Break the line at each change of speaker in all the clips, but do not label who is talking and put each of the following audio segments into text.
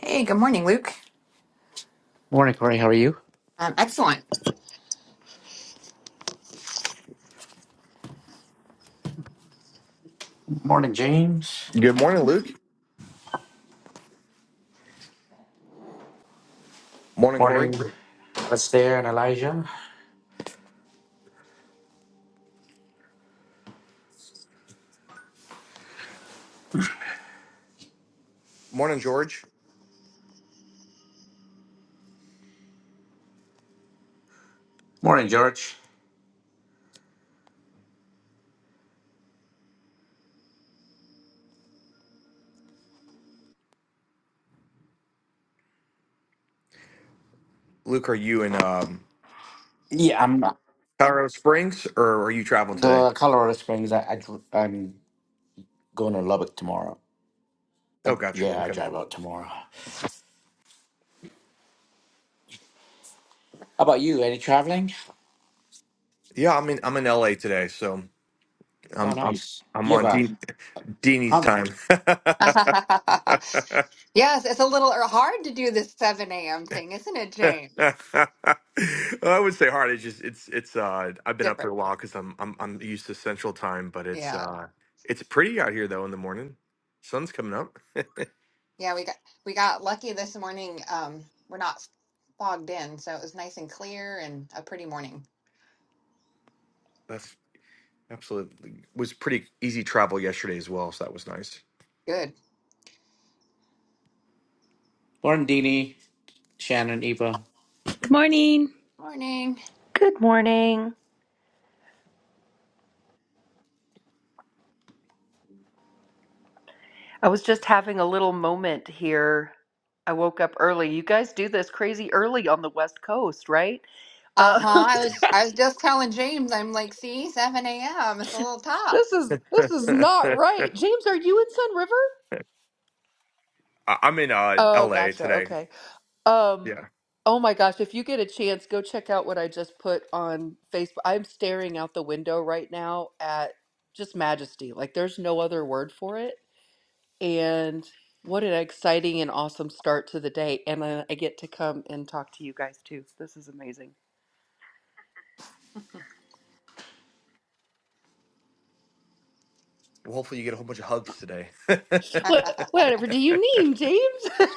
Hey, good morning, Luke.
Morning, Corey. How are you?
Um, excellent.
Morning, James. Morning, what's there, and Elijah. Morning, George. Yeah, I'm the Colorado Springs. I, I dr- I'm going to Lubbock tomorrow. Like, yeah, I drive out tomorrow. How about you? Any traveling? Oh, nice. You have a um,
yes, it's a little er, hard to do this 7 a.m. thing, isn't it, James? Different. Yeah. Yeah, we got we got lucky this morning. Um, we're not fogged in, so it was nice and clear and a pretty morning. Good
Morning, Dini, Shannon, Eva.
Good morning.
morning.
Good morning. I was just having a little moment here. I woke up early. You guys do this crazy early on the West Coast, right? Uh,
Uh-huh. I was I was just telling James, I'm like, see, 7 a.m. It's a little tough.
this is this is not right. James, are you in Sun River? Oh, gotcha. Okay. Um, oh my gosh, if you get a chance, go check out what I just put on Facebook. I'm staring out the window right now at just majesty. Like there's no other word for it And what an exciting and awesome start to the day. And I, I get to come and talk to you guys too. This is amazing. What, whatever do you mean, James?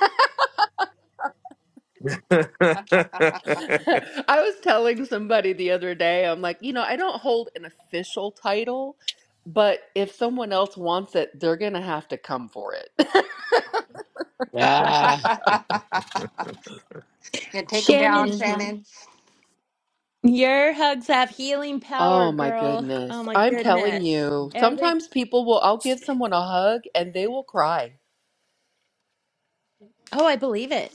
I was telling somebody the other day, I'm like, you know, I don't hold an official title, but if someone else wants it, they're going to have to come for it.
Ah,
yeah, take them down,
Shannon,
hmm
Shannon.
your hugs have healing power,
Oh my
girl. Oh
goodness.
my
I'm telling
goodness.
you,
Every
sometimes people will, I'll give someone a hug and they will cry.
Oh, I believe it.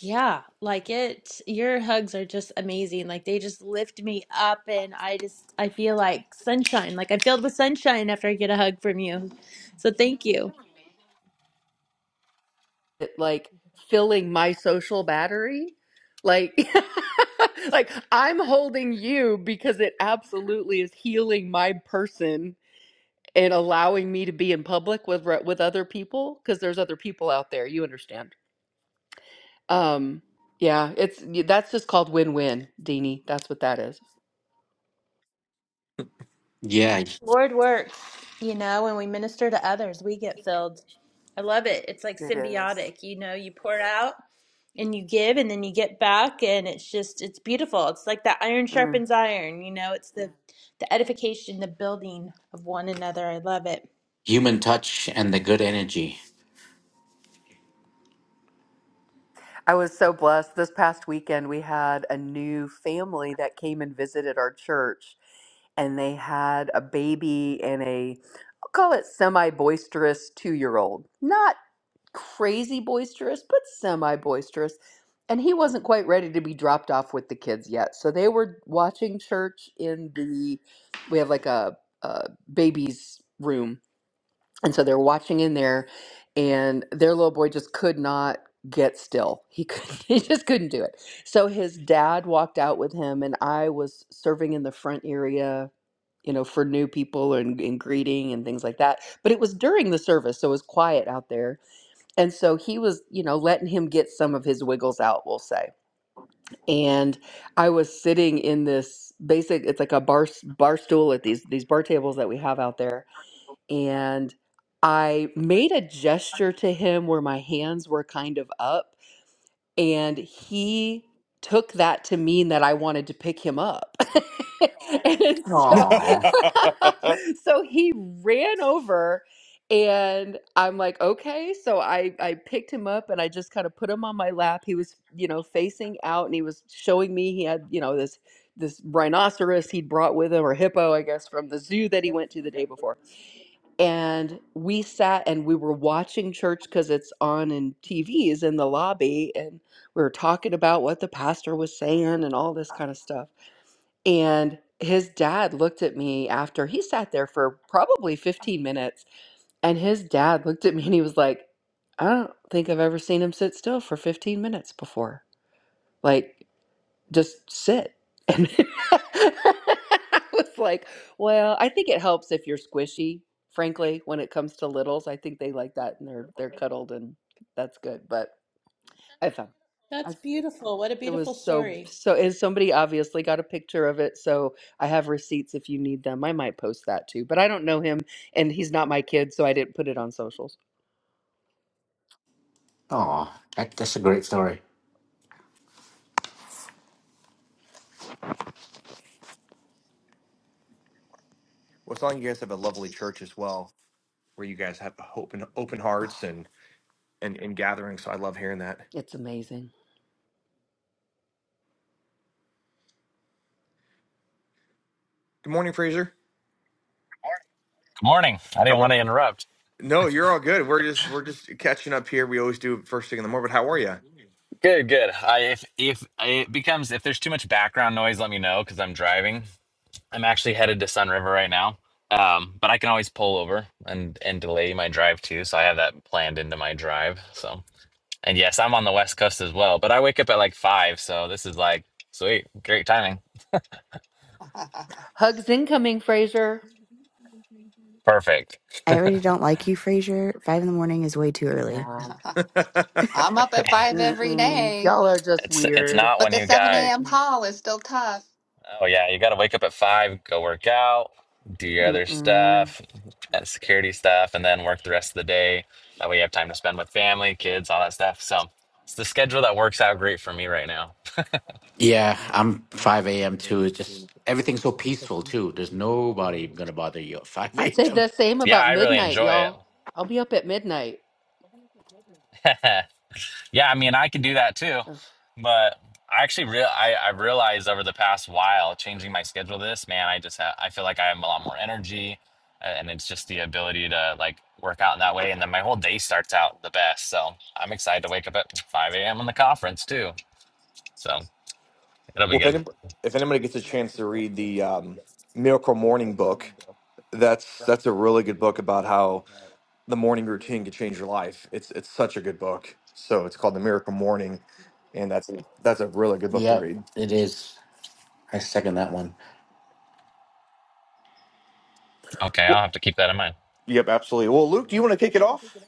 Yeah, like it. Your hugs are just amazing. Like they just lift me up and I just I feel like sunshine. Like I'm filled with sunshine after I get a hug from you. So thank you.
it like filling my social battery like like i'm holding you because it absolutely is healing my person and allowing me to be in public with re- with other people because there's other people out there you understand um yeah it's y- that's just called win-win Deanie. that's what that is
yeah.
Lord works, you know, when we minister to others, we get filled. I love it. It's like
it is.
symbiotic. You know, you pour out and you give and then you get back and it's just it's beautiful it's like that iron sharpens iron you know it's the the edification the building of one another i love it
Human touch and the good energy.
I was so blessed. This past weekend, we had a new family that came and visited our church, and they had a baby and a, I'll call it semi boisterous two year old. Not crazy boisterous, but semi boisterous. And he wasn't quite ready to be dropped off with the kids yet. So they were watching church in the, we have like a, a baby's room and so they're watching in there, and their little boy just could not get still. He could, he just couldn't do it. So his dad walked out with him, and I was serving in the front area, you know, for new people and, and greeting and things like that. But it was during the service, so it was quiet out there. And so he was, you know, letting him get some of his wiggles out, we'll say. And I was sitting in this basic, it's like a bar bar stool at these these bar tables that we have out there and I made a gesture to him where my hands were kind of up, and he took that to mean that I wanted to pick him up. and so,
Aw,
so he ran over and I'm like, okay. So I, I picked him up and I just kind of put him on my lap. He was, you know, facing out and he was showing me he had, you know, this this rhinoceros he'd brought with him or hippo, I guess, from the zoo that he went to the day before and we sat and we were watching church because it's on in TVs in the lobby, and we were talking about what the pastor was saying and all this kind of stuff. And his dad looked at me after he sat there for probably 15 minutes, and his dad looked at me and he was like, I don't think I've ever seen him sit still for 15 minutes before. Like, just sit. And I was like, well, I think it helps if you're squishy, frankly, when it comes to littles. I think they like that and they're they're cuddled and that's good. But I found I
That's
it
beautiful. What a beautiful
was so
story.
so and somebody obviously got a picture of it, so I have receipts if you need them. I might post that too. But I don't know him and he's not my kid, so I didn't put it on socials.
aw. That, that's a great story.
Oh, It's amazing.
morning. I didn't want to interrupt. Good, good. I if if it becomes if there's too much background noise, let me know because I'm driving. I'm actually headed to Sun River right now. Um, but I can always pull over and and delay my drive too, so I have that planned into my drive. So, and yes, I'm on the West Coast as well, but I wake up at like 5, so this is like sweet, great timing.
Hugs incoming, Fraser.
Perfect.
I already don't like you, Frazier. Five in the morning is way too early.
Yeah.
I'm up at five every
Mm-mm.
day.
Y'all are just
It's it's
weird.
not
But
when
the
you
7
got
a.m.
Mm-mm.
call is still tough.
Oh yeah, you got to wake up at five, go work out, do your other
Mm-mm.
stuff, and security stuff, and then work the rest of the day. That way you have time to spend with family, kids, all that stuff. So it's the schedule that works out great for me right now.
Yeah, I'm 5 a.m. too. It's just everything's so peaceful too. There's nobody gonna bother you at 5
I'd say
a.m.
the same
Yeah,
about
I really
midnight,
enjoy
y'all. I'll be up at midnight.
it. Yeah, I mean, I can do that too,
Ugh.
but I actually real I, I realized over the past while changing my schedule to this, man, I just have, I feel like I have a lot more energy a- and it's just the ability to like work out in that way. And then my whole day starts out the best. So I'm excited to wake up at 5 a.m. on the conference too. So it'll be good.
Yep, it is. I second that one.
Okay. I'll have to keep that in mind.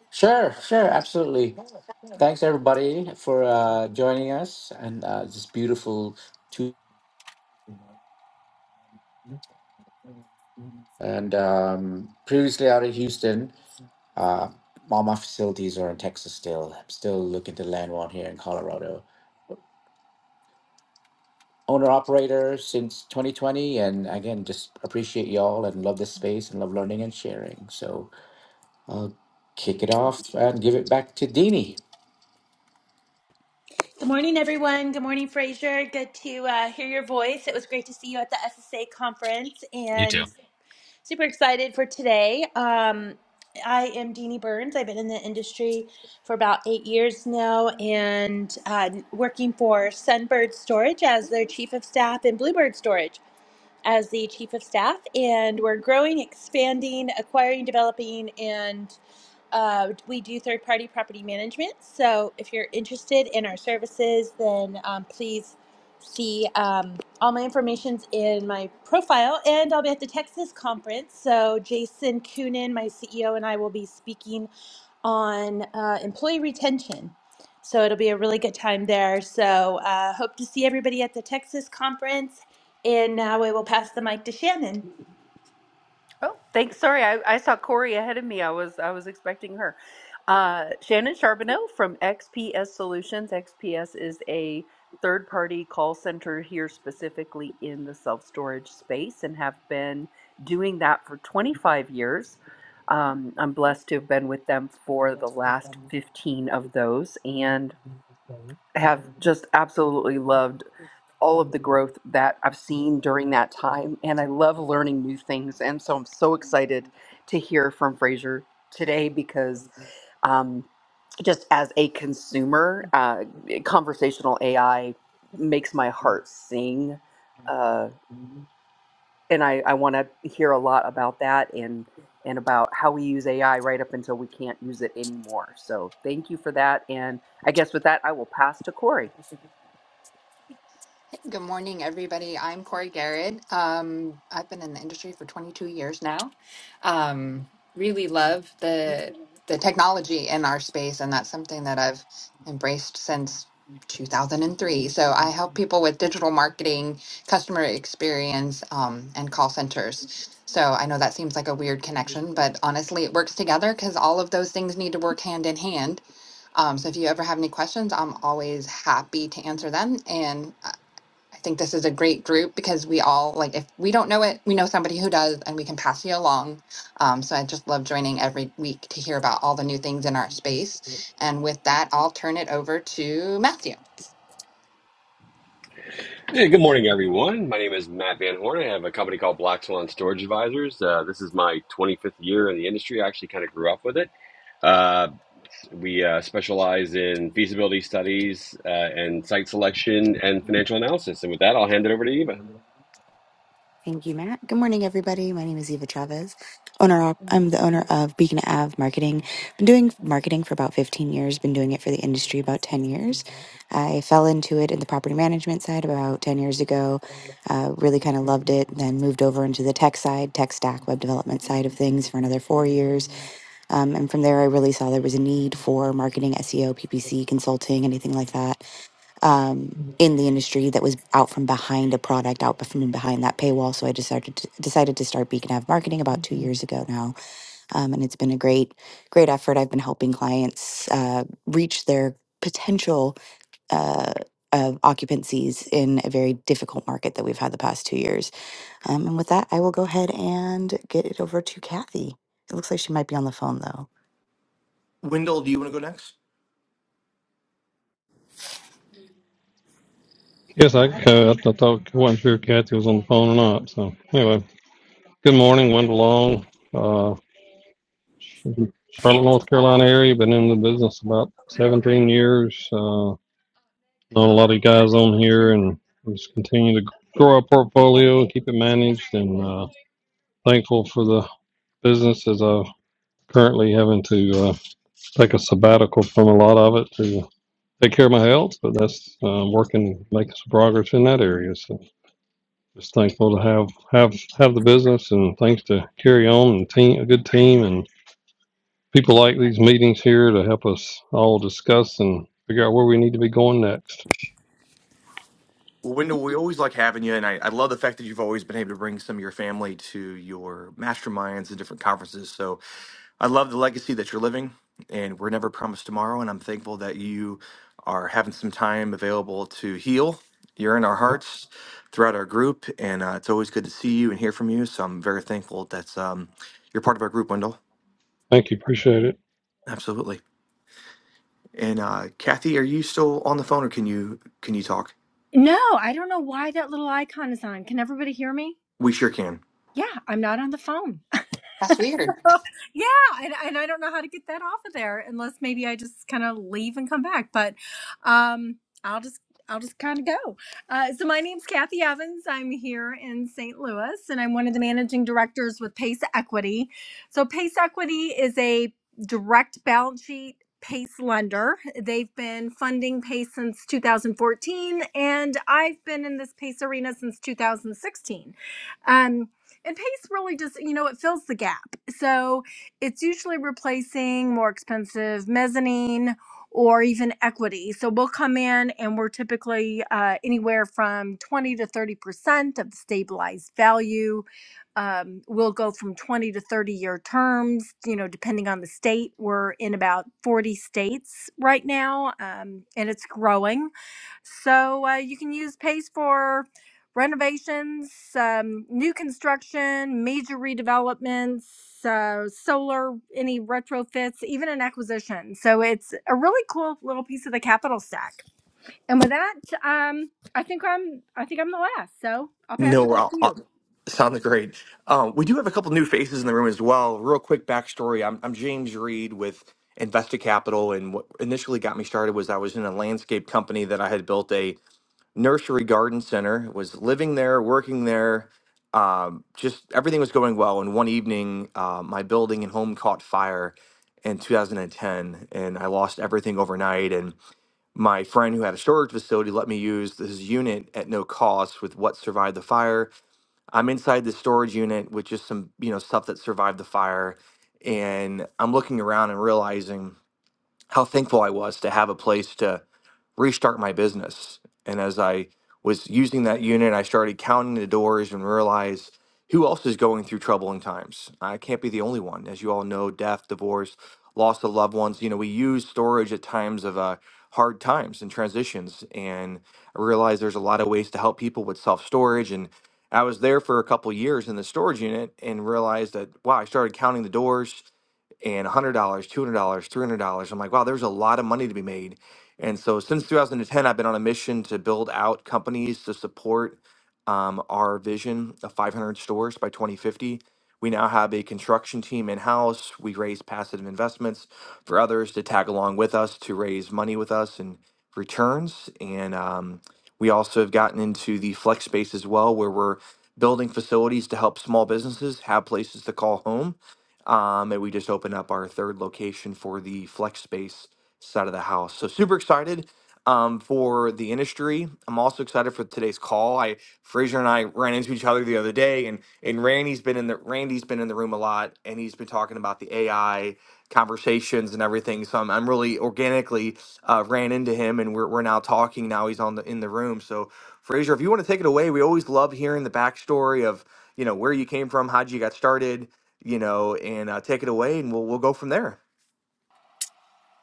Sure, sure, absolutely. Thanks everybody for uh, joining us and uh, this beautiful two. And um, previously out of Houston, uh, all my facilities are in Texas still. I'm still looking to land one here in Colorado owner operator since 2020 and again just appreciate y'all and love this space and love learning and sharing so i'll kick it off and give it back to Deanie.
good morning everyone good morning fraser good to uh, hear your voice it was great to see you at the ssa conference
You too.
and Super excited for today. Um, I am Deanie Burns. I've been in the industry for about eight years now and uh, working for Sunbird Storage as their chief of staff and Bluebird Storage as the chief of staff. And we're growing, expanding, acquiring, developing, and. Uh, we do third party property management. So if you're interested in our services, then um, please see um, all my information's in my profile. And I'll be at the Texas conference. So Jason Coonan, my CEO, and I will be speaking on uh, employee retention. So it'll be a really good time there. So uh, hope to see everybody at the Texas conference. And now I will pass the mic to Shannon.
Oh, thanks. Sorry, I, I saw Corey ahead of me. I was I was expecting her. Uh, Shannon Charbonneau from XPS Solutions. XPS is a third party call center here specifically in the self storage space and have been doing that for 25 years. Um, I'm blessed to have been with them for the last 15 of those. and. have just absolutely loved all of the growth that I've seen during that time. And I love learning new things. And so I'm so excited to hear from Fraser today because um, just as a consumer, uh, conversational AI makes my heart sing. Uh, and I, I want to hear a lot about that and, and about how we use AI right up until we can't use it anymore. So thank you for that. And I guess with that, I will pass to Corey.
Hey, good morning, everybody. I'm Corey Garrett. Um, I've been in the industry for 22 years now. Um, really love the the technology in our space, and that's something that I've embraced since 2003. So I help people with digital marketing, customer experience, um, and call centers. So I know that seems like a weird connection, but honestly, it works together because all of those things need to work hand in hand Um, so if you ever have any questions, I'm always happy to answer them. And I I think this is a great group because we all, like, if we don't know it, we know somebody who does and we can pass you along. Um, so I just love joining every week to hear about all the new things in our space. And with that, I'll turn it over to Matthew.
Hey, good morning, everyone. My name is Matt Van Horn. I have a company called Black Swan Storage Advisors. Uh, this is my 25th year in the industry. I actually kind of grew up with it. Uh, we uh, specialize in feasibility studies uh, and site selection and financial analysis. And with that, I'll hand it over to Eva.
Thank you, Matt. Good morning, everybody. My name is Eva Chavez. Owner, op- I'm the owner of Beacon Ave Marketing. Been doing marketing for about 15 years. Been doing it for the industry about 10 years. I fell into it in the property management side about 10 years ago. Uh, really kind of loved it. Then moved over into the tech side, tech stack, web development side of things for another four years. Um, and from there, I really saw there was a need for marketing, SEO, PPC, consulting, anything like that um, in the industry that was out from behind a product, out from behind that paywall. So I decided to, decided to start Beacon Ave Marketing about two years ago now, um, and it's been a great great effort. I've been helping clients uh, reach their potential. Uh, of occupancies in a very difficult market that we've had the past two years. Um, and with that, I will go ahead and get it over to Kathy. It looks like she might be on the phone though.
Yes, I could. I thought I wasn't sure if Kathy was on the phone or not. So anyway, good morning, Wendell Long, uh, Charlotte, North Carolina area. Been in the business about 17 years. Uh, known a lot of guys on here, and we just continue to grow our portfolio and keep it managed. And uh, thankful for the business as I'm currently having to uh, take a sabbatical from a lot of it to take care of my health. But that's uh, working, making some progress in that area. So. Just thankful to have have have the business and things to carry on and team a good team and people like these meetings here to help us all discuss and figure out where we need to be going next. Yep. Thank you. Appreciate it.
No, I don't know why that little icon is on. Can everybody hear me? Yeah, I'm not on the phone.
That's weird.
yeah, and, and I don't know how to get that off of there unless maybe I just kind of leave and come back. But um, I'll just I'll just kind of go. Uh, so my name's Kathy Evans. I'm here in St. Louis, and I'm one of the managing directors with Pace Equity. So Pace Equity is a direct balance sheet. Pace lender. They've been funding Pace since 2014, and I've been in this Pace arena since 2016. And Pace really just, you know, it fills the gap. So it's usually replacing more expensive mezzanine or even equity. So we'll come in and we're typically uh, anywhere from 20 to 30% of the stabilized value. Um, we'll go from 20 to 30 year terms, you know, depending on the state. We're in about 40 states right now um, and it's growing. So uh, you can use Pace for renovations, um, new construction, major redevelopments, uh, solar, any retrofits, even an acquisition. So it's a really cool little piece of the capital stack. And with that, um, I think I'm I think I'm the last. So I'll pass it back to you.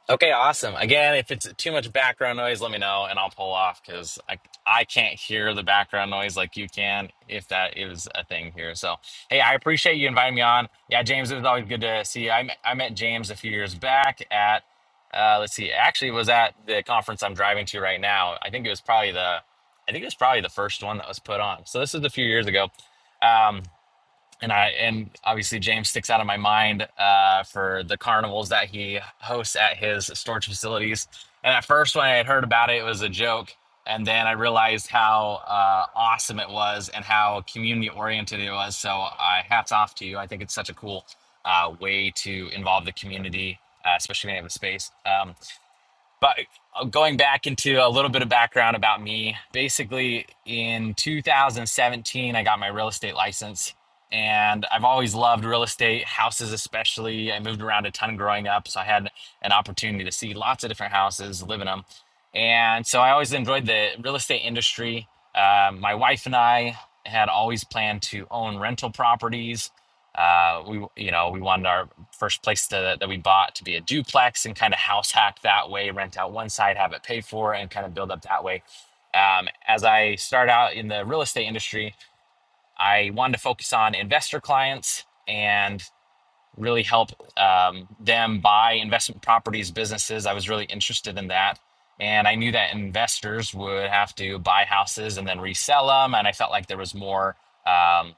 Okay, awesome. Again, if it's too much background noise, let me know and I'll pull off because I, I can't hear the background noise like you can if that is a thing here. So, hey, I appreciate you inviting me on. Yeah, James, it was always good to see you. I met, I met James a few years back at, uh, let's see, actually it was at the conference I'm driving to right now. I think it was probably the, I think it was probably the first one that was put on. So this is a few years ago. Um, and I and obviously James sticks out in my mind uh, for the carnivals that he hosts at his storage facilities. And at first, when I had heard about it, it was a joke, and then I realized how uh, awesome it was and how community oriented it was. So, I hats off to you. I think it's such a cool uh, way to involve the community, uh, especially when you have a space. Um, but uh, going back into a little bit of background about me, basically in 2017, I got my real estate license. And I've always loved real estate, houses especially. I moved around a ton growing up, so I had an opportunity to see lots of different houses, live in them. And so I always enjoyed the real estate industry. Uh, my wife and I had always planned to own rental properties. Uh, we, you know, we wanted our first place that, that we bought to be a duplex and kind of house hack that way, rent out one side, have it paid for, and kind of build up that way. Um, as I started out in the real estate industry, I wanted to focus on investor clients and really help um, them buy investment properties, businesses. I was really interested in that. And I knew that investors would have to buy houses and then resell them. And I felt like there was more. um,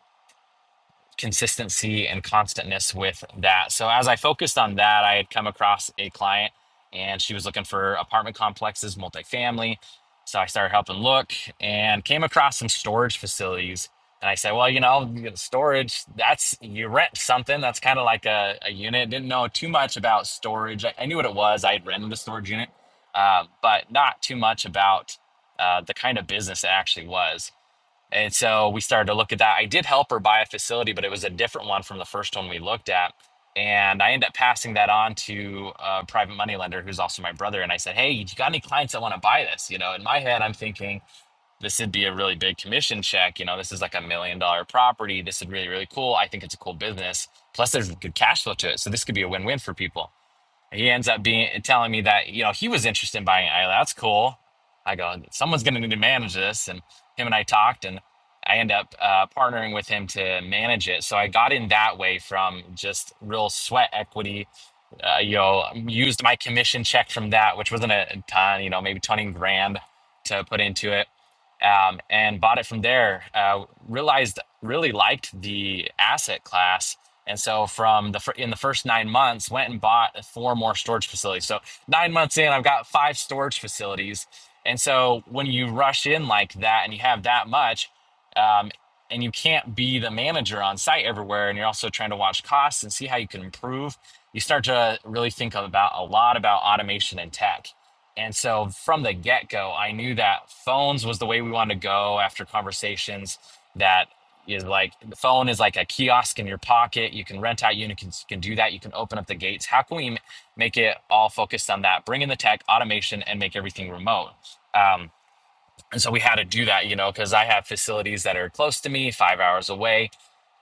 consistency and constantness with that. So as I focused on that, I had come across a client and she was looking for apartment complexes, multifamily. So I started helping look and came across some storage facilities. And I said, well, you know, storage, that's you rent something that's kind of like a, a unit. Didn't know too much about storage. I, I knew what it was. I had rented a storage unit, uh, but not too much about uh, the kind of business it actually was. And so we started to look at that. I did help her buy a facility, but it was a different one from the first one we looked at. And I ended up passing that on to a private money lender who's also my brother. And I said, Hey, you got any clients that want to buy this? You know, in my head, I'm thinking this would be a really big commission check. You know, this is like a million dollar property. This is really, really cool. I think it's a cool business. Plus, there's good cash flow to it. So this could be a win win for people. He ends up being telling me that you know he was interested in buying Isla. That's cool. I go, someone's going to need to manage this, and him and I talked, and I end up uh, partnering with him to manage it. So I got in that way from just real sweat equity uh, you know, used my commission check from that, which wasn't a ton, you know, maybe 20 grand to put into it, um, and bought it from there. Uh, realized really liked the asset class. And so from the fir- in the first nine months, went and bought four more storage facilities. So nine months in, I've got five storage facilities. And so when you rush in like that and you have that much, um, and you can't be the manager on site everywhere, and you're also trying to watch costs and see how you can improve you start to really think about a lot about automation and tech. And so from the get go, I knew that phones was the way we wanted to go after conversations. That is like the phone is like a kiosk in your pocket. You can rent out units, you can, do that. You can open up the gates. How can we make it all focused on that? Bring in the tech, automation, and make everything remote. Um, and so we had to do that, you know, because I have facilities that are close to me, five hours away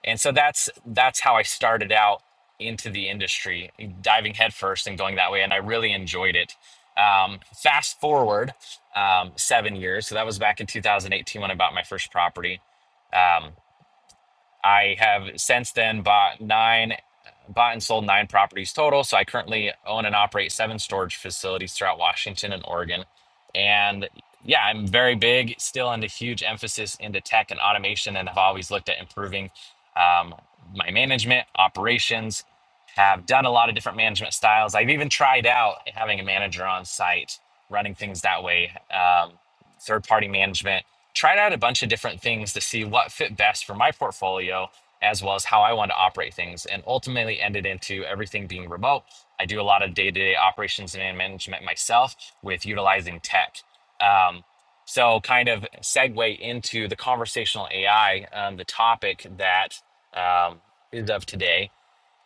and so that's that's how i started out into the industry diving headfirst and going that way and i really enjoyed it um, fast forward um, seven years so that was back in 2018 when i bought my first property Um, I have since then bought nine, bought and sold nine properties total. So I currently own and operate seven storage facilities throughout Washington and Oregon. And yeah, I'm very big, still into huge emphasis into tech and automation, and have always looked at improving um, my management operations. Have done a lot of different management styles. I've even tried out having a manager on site, running things that way, um, third party management tried out a bunch of different things to see what fit best for my portfolio as well as how I want to operate things and ultimately ended into everything being remote. I do a lot of day-to-day operations and management myself with utilizing tech. Um, so kind of segue into the conversational AI, um, the topic that um, is of today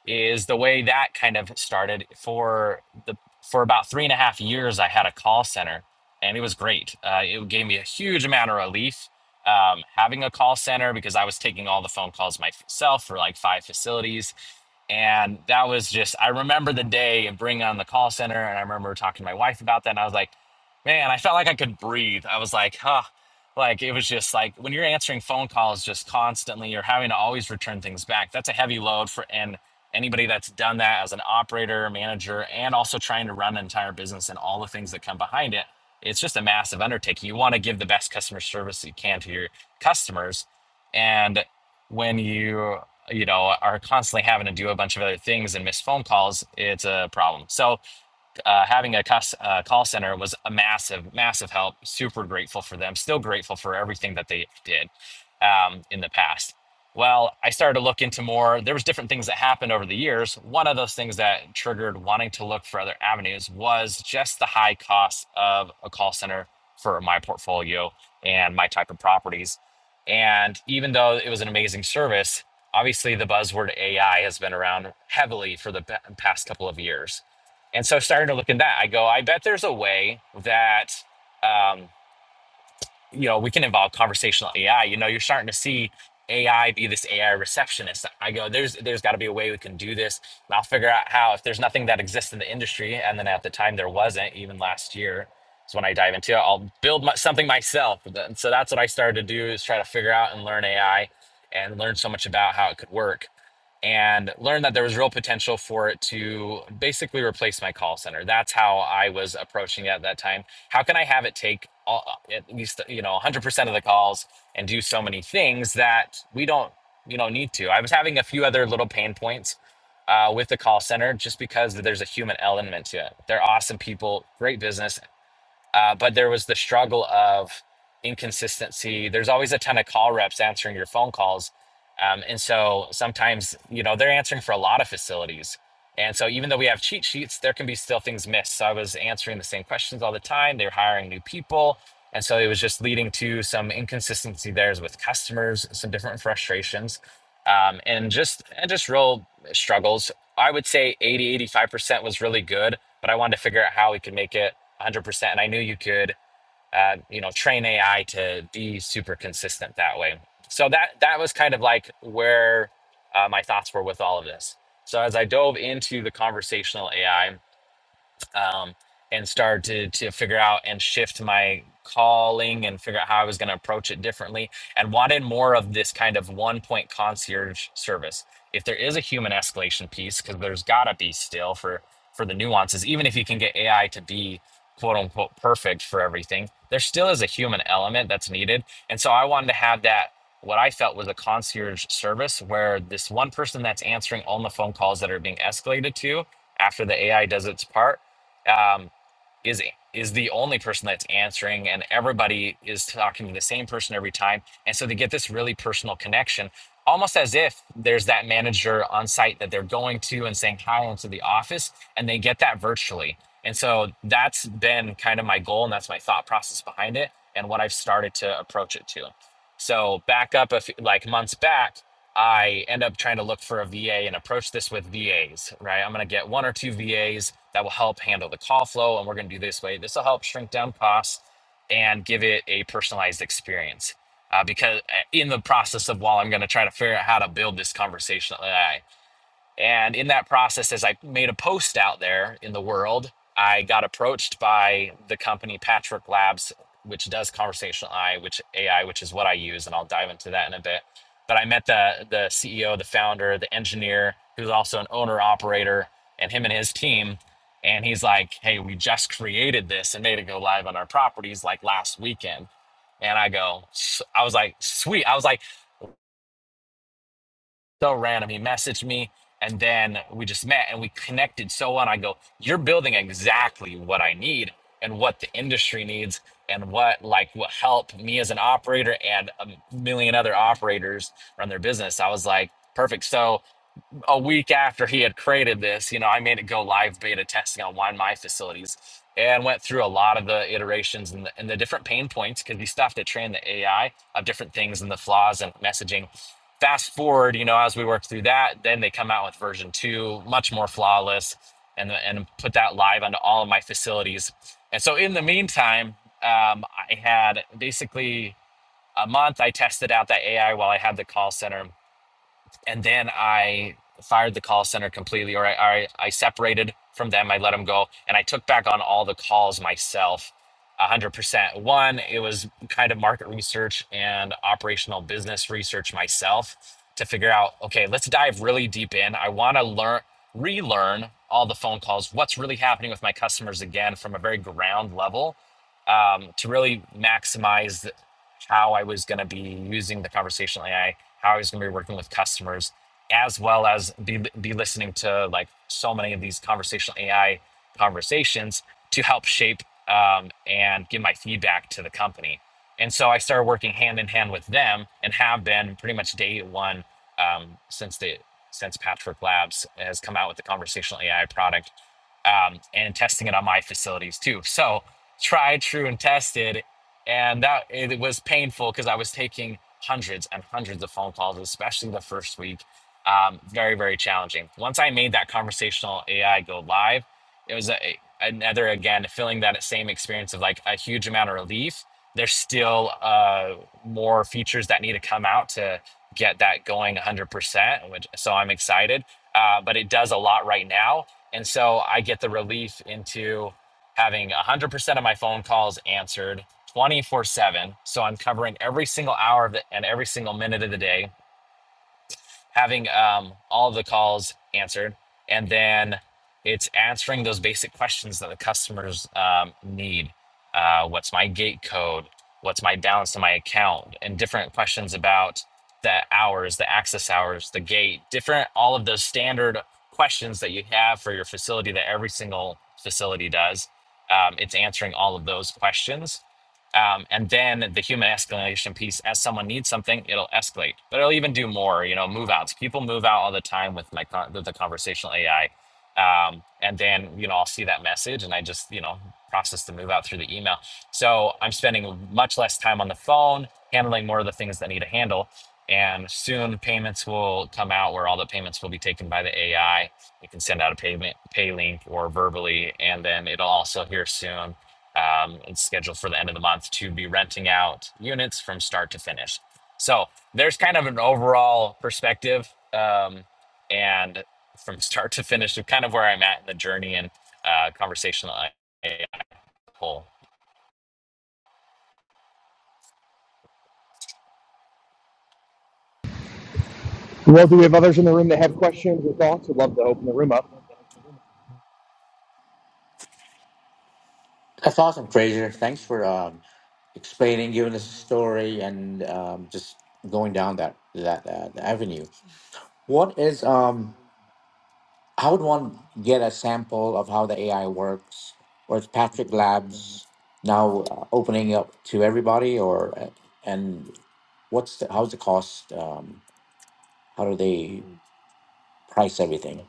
is the way that kind of started for the for about three and a half years i had a call center and it was great uh, it gave me a huge amount of relief um, having a call center because i was taking all the phone calls myself for like five facilities and that was just i remember the day of bringing on the call center and i remember talking to my wife about that and i was like man i felt like i could breathe i was like huh like it was just like when you're answering phone calls just constantly you're having to always return things back that's a heavy load for and anybody that's done that as an operator, manager, and also trying to run an entire business and all the things that come behind it, it's just a massive undertaking. You want to give the best customer service you can to your customers. And when you, you know, are constantly having to do a bunch of other things and miss phone calls, it's a problem. So uh, having a cus- uh, call center was a massive, massive help. Super grateful for them. Still grateful for everything that they did um, in the past. Well, I started to look into more. There was different things that happened over the years. One of those things that triggered wanting to look for other avenues was just the high cost of a call center for my portfolio and my type of properties. And even though it was an amazing service, obviously the buzzword AI has been around heavily for the past couple of years and so starting to look in that, I go, I bet there's a way that, um, you know, we can involve conversational AI. You know, you're starting to see AI be this AI receptionist. I go, there's there's got to be a way we can do this. And I'll figure out how. If there's nothing that exists in the industry, and then at the time there wasn't, even last year, is when I dive into it. I'll build my, something myself. And so that's what I started to do is try to figure out and learn AI, and learn so much about how it could work. And learn that there was real potential for it to basically replace my call center. That's how I was approaching it at that time how can I have it take all, at least you know 100% of the calls and do so many things that we don't you know need to. I was having a few other little pain points uh, with the call center just because there's a human element to it. They're awesome people, great business, uh, but there was the struggle of inconsistency. There's always a ton of call reps answering your phone calls. Um, and so sometimes, you know, they're answering for a lot of facilities. And so even though we have cheat sheets, there can be still things missed. So I was answering the same questions all the time. They were hiring new people. And so it was just leading to some inconsistency there with customers, some different frustrations, um, and just and just real struggles. I would say eighty eighty five percent was really good but I wanted to figure out how we could make it 100%. And I knew you could, uh, you know, train AI to be super consistent that way. So that that was kind of like where uh, my thoughts were with all of this. So as I dove into the conversational AI, um, and started to to figure out and shift my calling and figure out how I was going to approach it differently and wanted more of this kind of one point concierge service. If there is a human escalation piece, because there's got to be still for for the nuances, even if you can get AI to be quote unquote perfect for everything, there still is a human element that's needed. And so I wanted to have that what I felt was a concierge service where this one person that's answering all the phone calls that are being escalated to after the AI does its part um, is is the only person that's answering and everybody is talking to the same person every time and so they get this really personal connection almost as if there's that manager on site that they're going to and saying hi into the office and they get that virtually and so that's been kind of my goal and that's my thought process behind it and what i've started to approach it to so back up a few, like months back, I end up trying to look for a VA and approach this with VAs, right? I'm going to get one or two VAs that will help handle the call flow, and we're going to do this way. This will help shrink down costs and give it a personalized experience. Uh, because uh, in the process of while I'm going to try to figure out how to build this conversational AI, and in that process, as I made a post out there in the world, I got approached by the company Patchwork Labs, which does conversational AI, which AI, which is what I use, and I'll dive into that in a bit. But I met the the CEO, the founder, the engineer, who's also an owner operator, and him and his team. And he's like, "Hey, we just created this and made it go live on our properties like last weekend." And I go, s- I was like, "Sweet!" I was like so random. He messaged me and then we just met and we connected so well. And I go, You're building exactly what I need and what the industry needs and what like will help me as an operator and a million other operators run their business. I was like, perfect. So a week after he had created this, you know, I made it go live beta testing on one of my facilities and went through a lot of the iterations and the, and the different pain points because we still have to train the AI of different things and the flaws and messaging. Fast forward, you know, as we work through that, then they come out with version two, much more flawless, and and put that live onto all of my facilities. And so in the meantime, um, I had basically a month I tested out that AI while I had the call center and then I fired the call center completely, or I, I, I separated from them. I let them go, and I took back on all the calls myself, one hundred percent. One, it was kind of market research and operational business research myself to figure out. Okay, let's dive really deep in. I want to learn, relearn all the phone calls. What's really happening with my customers again from a very ground level um, to really maximize how I was going to be using the conversational AI how he's going to be working with customers, as well as be, be listening to like so many of these conversational AI conversations to help shape um, and give my feedback to the company. And so I started working hand in hand with them and have been pretty much day one um, since the since Patchwork Labs has come out with the conversational AI product um, and testing it on my facilities too. So tried, true, and tested and that it was painful because I was taking hundreds and hundreds of phone calls, especially the first week. Um, very very challenging. Once I made that conversational AI go live, it was a, another again feeling that same experience of like a huge amount of relief. There's still uh, more features that need to come out to get that going 100%, which so I'm excited. Uh, but it does a lot right now, and so I get the relief into having 100% of my phone calls answered 24 7. So I'm covering every single hour of the, and every single minute of the day having um, all of the calls answered, and then it's answering those basic questions that the customers um, need. Uh, what's my gate code? What's my balance in my account? And different questions about the hours, the access hours, the gate, different, all of those standard questions that you have for your facility that every single facility does. Um, it's answering all of those questions um, and then the human escalation piece as someone needs something it'll escalate but it'll even do more you know move outs people move out all the time with my con- with the conversational ai um, and then you know i'll see that message and i just you know process the move out through the email so i'm spending much less time on the phone handling more of the things that I need to handle and soon payments will come out where all the payments will be taken by the ai you can send out a payment pay link or verbally and then it'll also here soon um, it's scheduled for the end of the month to be renting out units from start to finish. So there's kind of an overall perspective, um, and from start to finish of kind of where I'm at in the journey and uh, conversation that I pull.
Well, do we have others in the room that have questions or thoughts? Would love to open the room up.
that's awesome fraser thanks for um, explaining giving us a story and um, just going down that that, that avenue what is um how would one get a sample of how the AI works? Or is Patrick Labs now uh, opening up to everybody? Or uh, and what's the, how's the cost? Um, how do they price everything?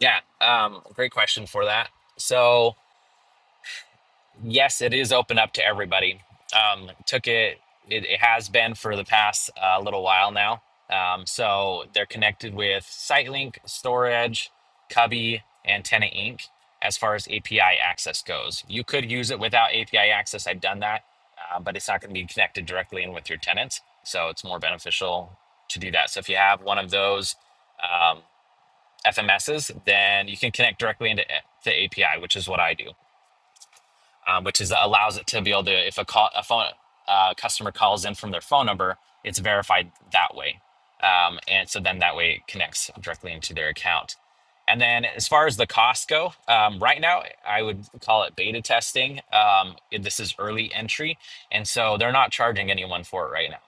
Yeah, um, great question for that. So yes, it is open up to everybody. Um, took it, it, it has been for the past uh, little while now. Um, so they're connected with SiteLink, Storage, Cubby, and Tenant Inc. as far as API access goes. You could use it without API access. I've done that, uh, but it's not going to be connected directly in with your tenants. So it's more beneficial to do that. So if you have one of those um, FMSs, then you can connect directly into eh, the API, which is what I do um, which is allows it to be able to if a call a phone uh, customer calls in from their phone number, it's verified that way, um, and so then that way it connects directly into their account. And then as far as the costs go, um, right now I would call it beta testing. Um, this is early entry, and so they're not charging anyone for it right now.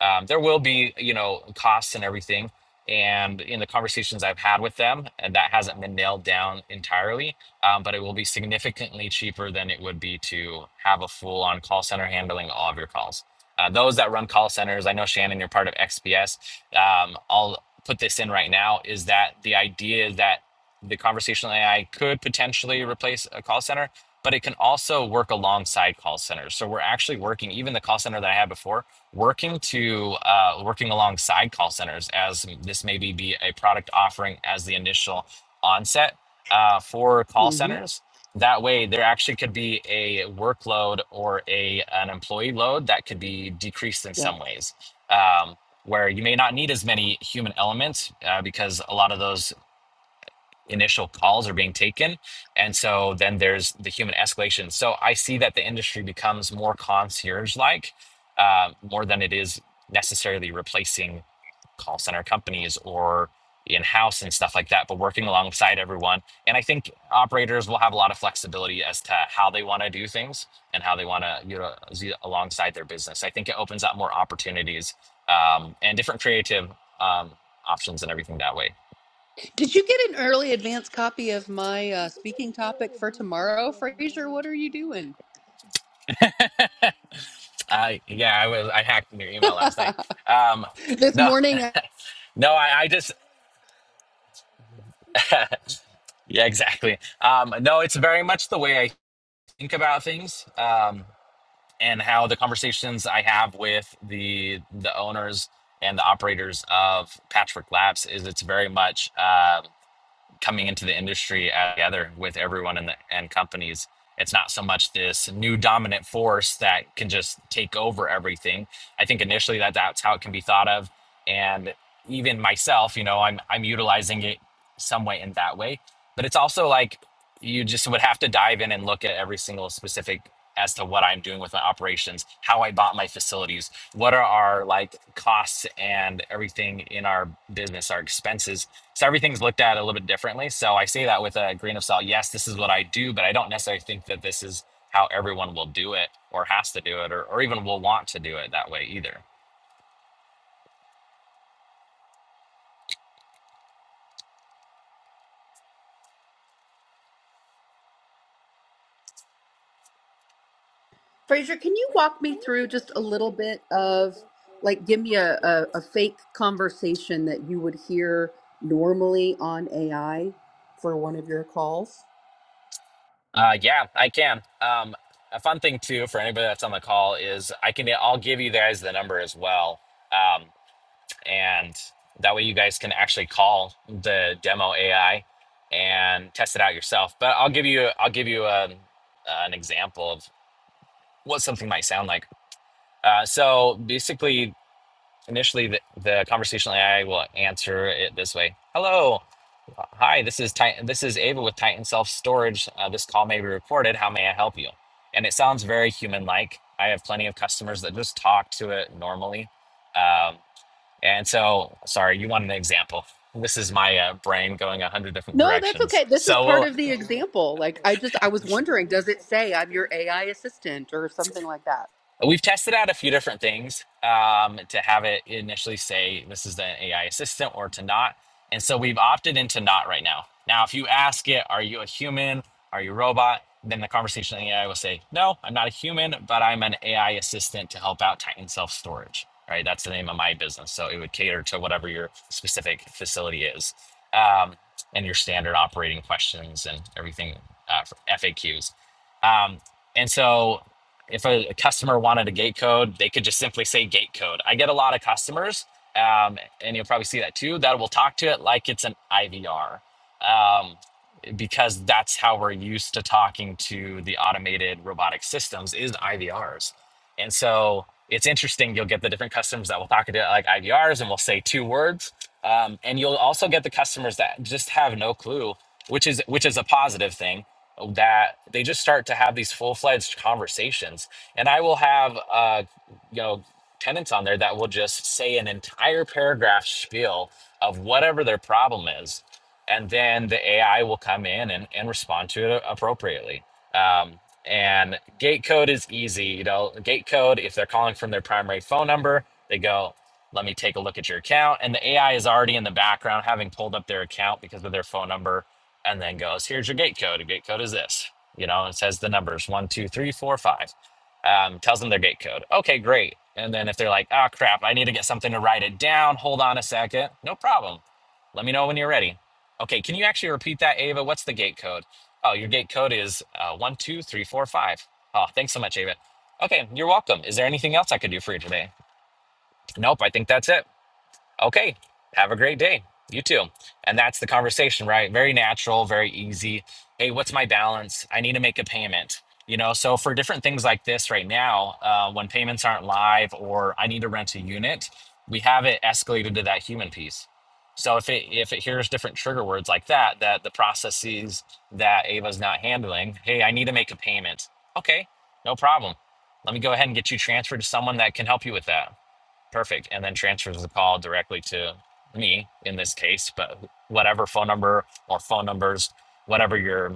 Um, there will be you know costs and everything, and in the conversations I've had with them, and that hasn't been nailed down entirely um, but it will be significantly cheaper than it would be to have a full on call center handling all of your calls. Uh, those that run call centers, I know Shannon, you're part of XPS. Um, I'll put this in right now is that the idea that the conversational AI could potentially replace a call center, but it can also work alongside call centers. So we're actually working, even the call center that I had before, working to uh, working alongside call centers as this maybe be a product offering as the initial onset uh, for call centers. That way, there actually could be a workload or a an employee load that could be decreased in
Yep.
some ways, um, where you may not need as many human elements uh, because a lot of those initial calls are being taken and so then there's the human escalation so i see that the industry becomes more concierge like uh, more than it is necessarily replacing call center companies or in house and stuff like that, but working alongside everyone. And I think operators will have a lot of flexibility as to how they want to do things and how they want to, you know, z- alongside their business. I think it opens up more opportunities um, and different creative um, options and everything that way.
Did you get an early advance copy of my uh, speaking topic for tomorrow, Fraser? What are you doing
I yeah, I was I hacked into your email last night. Um,
this
no,
morning, uh,
no, I, I just yeah, exactly. Um, no, it's very much the way I think about things, um, and how the conversations I have with the the owners and the operators of Patchwork Labs is it's very much. Um, coming into the industry together with everyone in the and companies. It's not so much this new dominant force that can just take over everything. I think initially that that's how it can be thought of, and even myself, you know, I'm I'm utilizing it some way in that way. But it's also like you just would have to dive in and look at every single specific as to what I'm doing with my operations, how I bought my facilities, what are our like costs and everything in our business, our expenses so everything's looked at a little bit differently. So I say that with a grain of salt. Yes, this is what I do, but I don't necessarily think that this is how everyone will do it or has to do it or, or even will want to do it that way either.
Fraser? Can you walk me through just a little bit of like give me a, a, a fake conversation that you would hear normally on AI for one of your calls?
Uh, yeah, I can. Um, a fun thing too for anybody that's on the call is I can I'll give you guys the number as well, um, and that way you guys can actually call the demo AI and test it out yourself. But I'll give you I'll give you um an example of what something might sound like. Uh, so basically, initially, the, the conversational AI will answer it this way: "Hello, uh, hi. This is Titan. This is Ava with Titan Self Storage. Uh, this call may be recorded. How may I help you?" And it sounds very human-like. I have plenty of customers that just talk to it normally. Um, and so, sorry, you want an example. This is my uh, brain going a hundred different
No, that's
directions.
okay. This is
So
part
we'll
of the example. Like I just I was wondering, does it say I'm your AI assistant or something like that?
We've tested out a few different things um, to have it initially say this is an AI assistant or to not. And so we've opted into not right now. Now, if you ask it, are you a human? Are you a robot? Then the conversational AI will say, no, I'm not a human, but I'm an AI assistant to help out Titan Self Storage. Right. That's the name of my business. So it would cater to whatever your specific facility is um, and your standard operating questions and everything uh, for FAQs. Um, and so if a, a customer wanted a gate code, they could just simply say gate code. I get a lot of customers, um, and you'll probably see that too, that will talk to it like it's an IVR. Um, because that's how we're used to talking to the automated robotic systems is IVRs. And so it's interesting. You'll get the different customers that will talk to like IVRs and will say two words. Um, and you'll also get the customers that just have no clue, which is which is a positive thing that they just start to have these full-fledged conversations. And I will have uh, you know tenants on there that will just say an entire paragraph spiel of whatever their problem is and then the AI will come in and, and respond to it appropriately. Um, and gate code is easy. You know, gate code, if they're calling from their primary phone number, they go, let me take a look at your account. And the AI is already in the background, having pulled up their account because of their phone number, and then goes, here's your gate code. A gate code is this. You know, it says the numbers one, two, three, four, five. Um, tells them their gate code. Okay, great. And then if they're like, oh crap, I need to get something to write it down, hold on a second. No problem. Let me know when you're ready Okay, can you actually repeat that, Ava? What's the gate code? Oh, your gate code is uh, one two three four five. Oh, thanks so much, Ava. Okay, you're welcome. Is there anything else I could do for you today? Nope, I think that's it. Okay. Have a great day. You too. And that's the conversation, right? Very natural, very easy. Hey, what's my balance? I need to make a payment. You know, so for different things like this right now, uh, when payments aren't live or I need to rent a unit, we have it escalated to that human piece. So if it if it hears different trigger words like that, that the process sees that Ava's not handling, hey, I need to make a payment. Okay, no problem. Let me go ahead and get you transferred to someone that can help you with that Perfect. And then transfers the call directly to me in this case, but whatever phone number or phone numbers, whatever your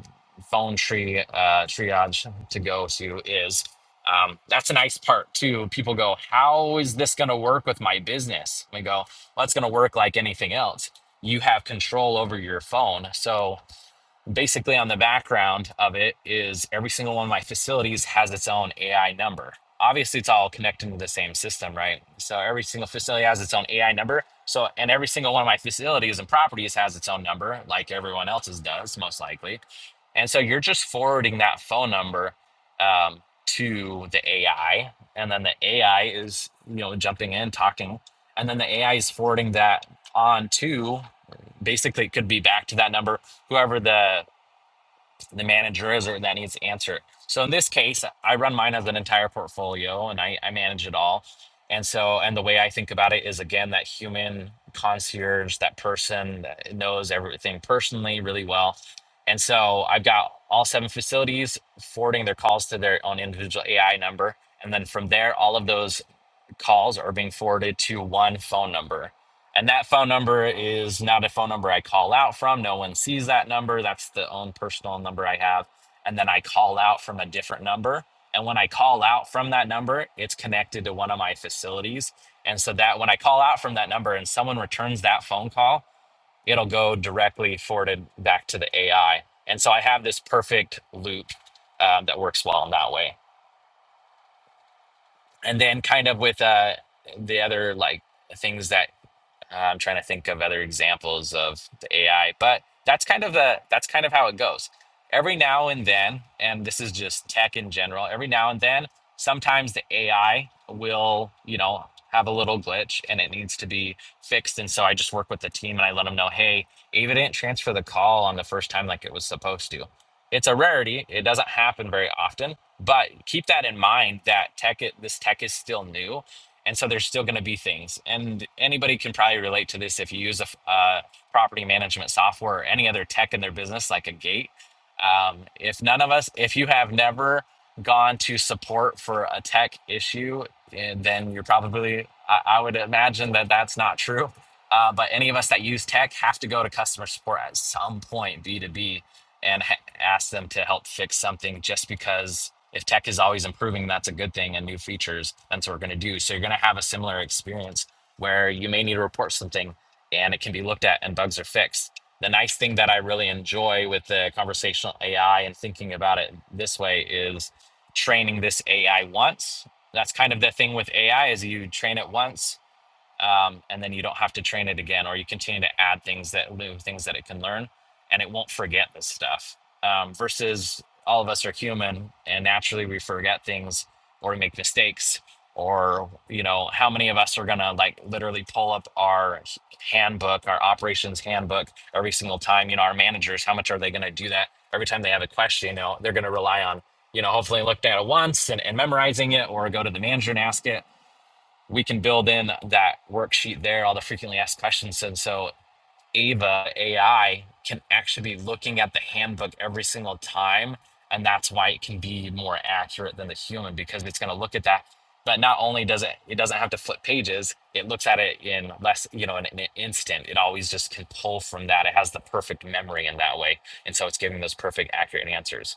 phone tree uh, triage to go to is. Um, that's a nice part too. People go, "How is this going to work with my business?" We go, "Well, it's going to work like anything else. You have control over your phone, so basically on the background of it is every single one of my facilities has its own AI number. Obviously, it's all connected to the same system, right? So every single facility has its own AI number. So, and every single one of my facilities and properties has its own number, like everyone else's does, most likely. And so you're just forwarding that phone number um, to the AI, and then the AI is, you know, jumping in, talking, and then the AI is forwarding that on to basically it could be back to that number whoever the the manager is or that needs to answer it. So in this case, I run mine as an entire portfolio and I, I manage it all. And so and the way I think about it is again that human concierge, that person that knows everything personally really well. And so I've got all seven facilities forwarding their calls to their own individual AI number. And then from there, all of those calls are being forwarded to one phone number. And that phone number is not a phone number I call out from. No one sees that number. That's the own personal number I have. And then I call out from a different number. And when I call out from that number, it's connected to one of my facilities. And so that when I call out from that number and someone returns that phone call, it'll go directly forwarded back to the AI. And so I have this perfect loop um, that works well in that way and then kind of with uh the other like things that I'm trying to think of other examples of the AI, but that's kind of the that's kind of how it goes. Every now and then, and this is just tech in general, every now and then, sometimes the AI will, you know, have a little glitch and it needs to be fixed. And so I just work with the team and I let them know, hey, Ava didn't transfer the call on the first time like it was supposed to. It's a rarity. It doesn't happen very often, but keep that in mind that tech, this tech is still new and so there's still going to be things and anybody can probably relate to this if you use a uh, property management software or any other tech in their business like a gate um, if none of us if you have never gone to support for a tech issue eh, then you're probably i, I would imagine that that's not true uh, but any of us that use tech have to go to customer support at some point b2b and ha- ask them to help fix something just because if tech is always improving, that's a good thing and new features, that's what we're going to do. So you're going to have a similar experience where you may need to report something and it can be looked at and bugs are fixed. The nice thing that I really enjoy with the conversational AI and thinking about it this way is training this AI once. That's kind of the thing with AI is you train it once um, and then you don't have to train it again or you continue to add things that new things that it can learn and it won't forget this stuff um, versus all of us are human and naturally we forget things or we make mistakes or you know how many of us are gonna like literally pull up our handbook our operations handbook every single time you know our managers how much are they gonna do that every time they have a question you know they're gonna rely on you know hopefully looked at it once and, and memorizing it or go to the manager and ask it we can build in that worksheet there, all the frequently asked questions. And so Ava AI can actually be looking at the handbook every single time. And that's why it can be more accurate than the human because it's going to look at that. But not only does it, it doesn't have to flip pages. It looks at it in less, you know, in, in an instant. It always just can pull from that. It has the perfect memory in that way, and so it's giving those perfect, accurate answers.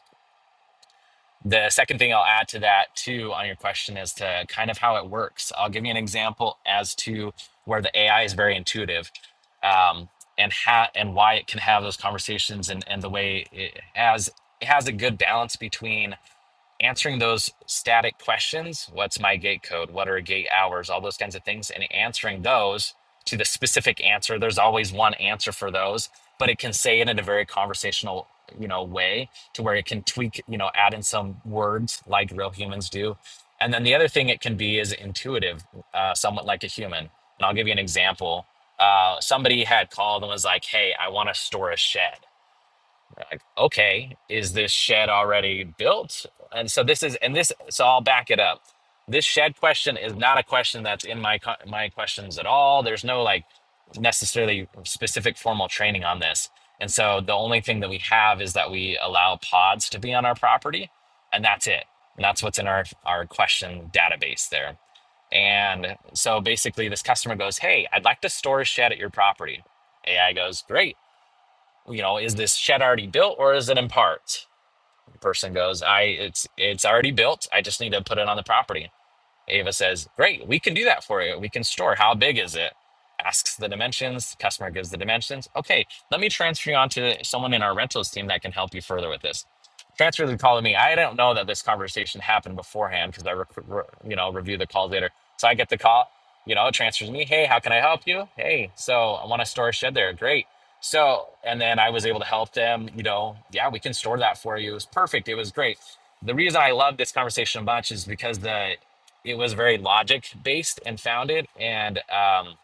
The second thing I'll add to that too on your question is to kind of how it works. I'll give you an example as to where the AI is very intuitive, um, and how and why it can have those conversations and and the way it has it has a good balance between answering those static questions what's my gate code what are gate hours all those kinds of things and answering those to the specific answer there's always one answer for those but it can say it in a very conversational you know way to where it can tweak you know add in some words like real humans do and then the other thing it can be is intuitive uh, somewhat like a human and i'll give you an example uh, somebody had called and was like hey i want to store a shed like okay is this shed already built and so this is and this so i'll back it up this shed question is not a question that's in my co- my questions at all there's no like necessarily specific formal training on this and so the only thing that we have is that we allow pods to be on our property and that's it and that's what's in our our question database there and so basically this customer goes hey i'd like to store a shed at your property ai goes great you know, is this shed already built or is it in parts? The person goes, I it's it's already built. I just need to put it on the property. Ava says, Great, we can do that for you. We can store. How big is it? Asks the dimensions. customer gives the dimensions. Okay, let me transfer you on to someone in our rentals team that can help you further with this. Transfer the call to me. I don't know that this conversation happened beforehand because I, rec- re- you know, review the calls later. So I get the call, you know, it transfers me. Hey, how can I help you? Hey, so I want to store a shed there. Great. So, and then I was able to help them, you know, yeah, we can store that for you. It was perfect. It was great the reason I love this conversation a bunch is because the it was very logic based and founded. And um,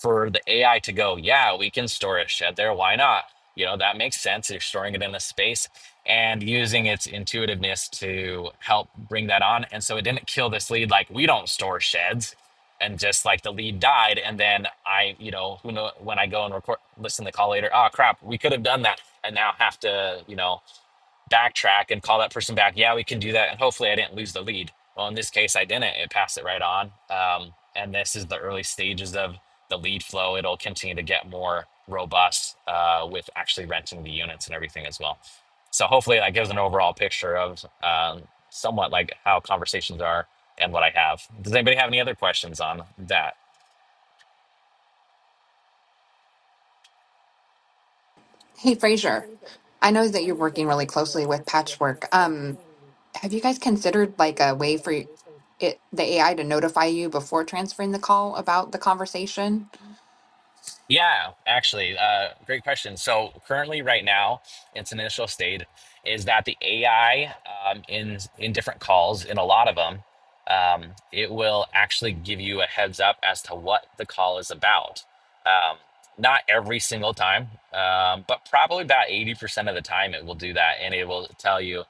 for the AI to go, yeah, we can store a shed there. Why not? You know, that makes sense. You're storing it in a space and using its intuitiveness to help bring that on. And so it didn't kill this lead like we don't store sheds. And just like the lead died, and then I, you know, who know when I go and record, listen to the call later. Oh crap, we could have done that, and now have to, you know, backtrack and call that person back. Yeah, we can do that. And hopefully I didn't lose the lead. Well, in this case, I didn't. It passed it right on. Um, and this is the early stages of the lead flow. It'll continue to get more robust uh, with actually renting the units and everything as well. So hopefully that gives an overall picture of um, somewhat like how conversations are and what I have. Does anybody have any other questions on that?
Hey, Fraser. I know that you're working really closely with Patchwork. Um, have you guys considered like a way for y- it, the AI to notify you before transferring the call about the conversation?
Yeah, actually, uh, great question. So currently, right now, its initial state is that the AI um, in in different calls, in a lot of them, um, it will actually give you a heads up as to what the call is about. Um, not every single time, um, but probably about eighty percent of the time, it will do that, and it will tell you,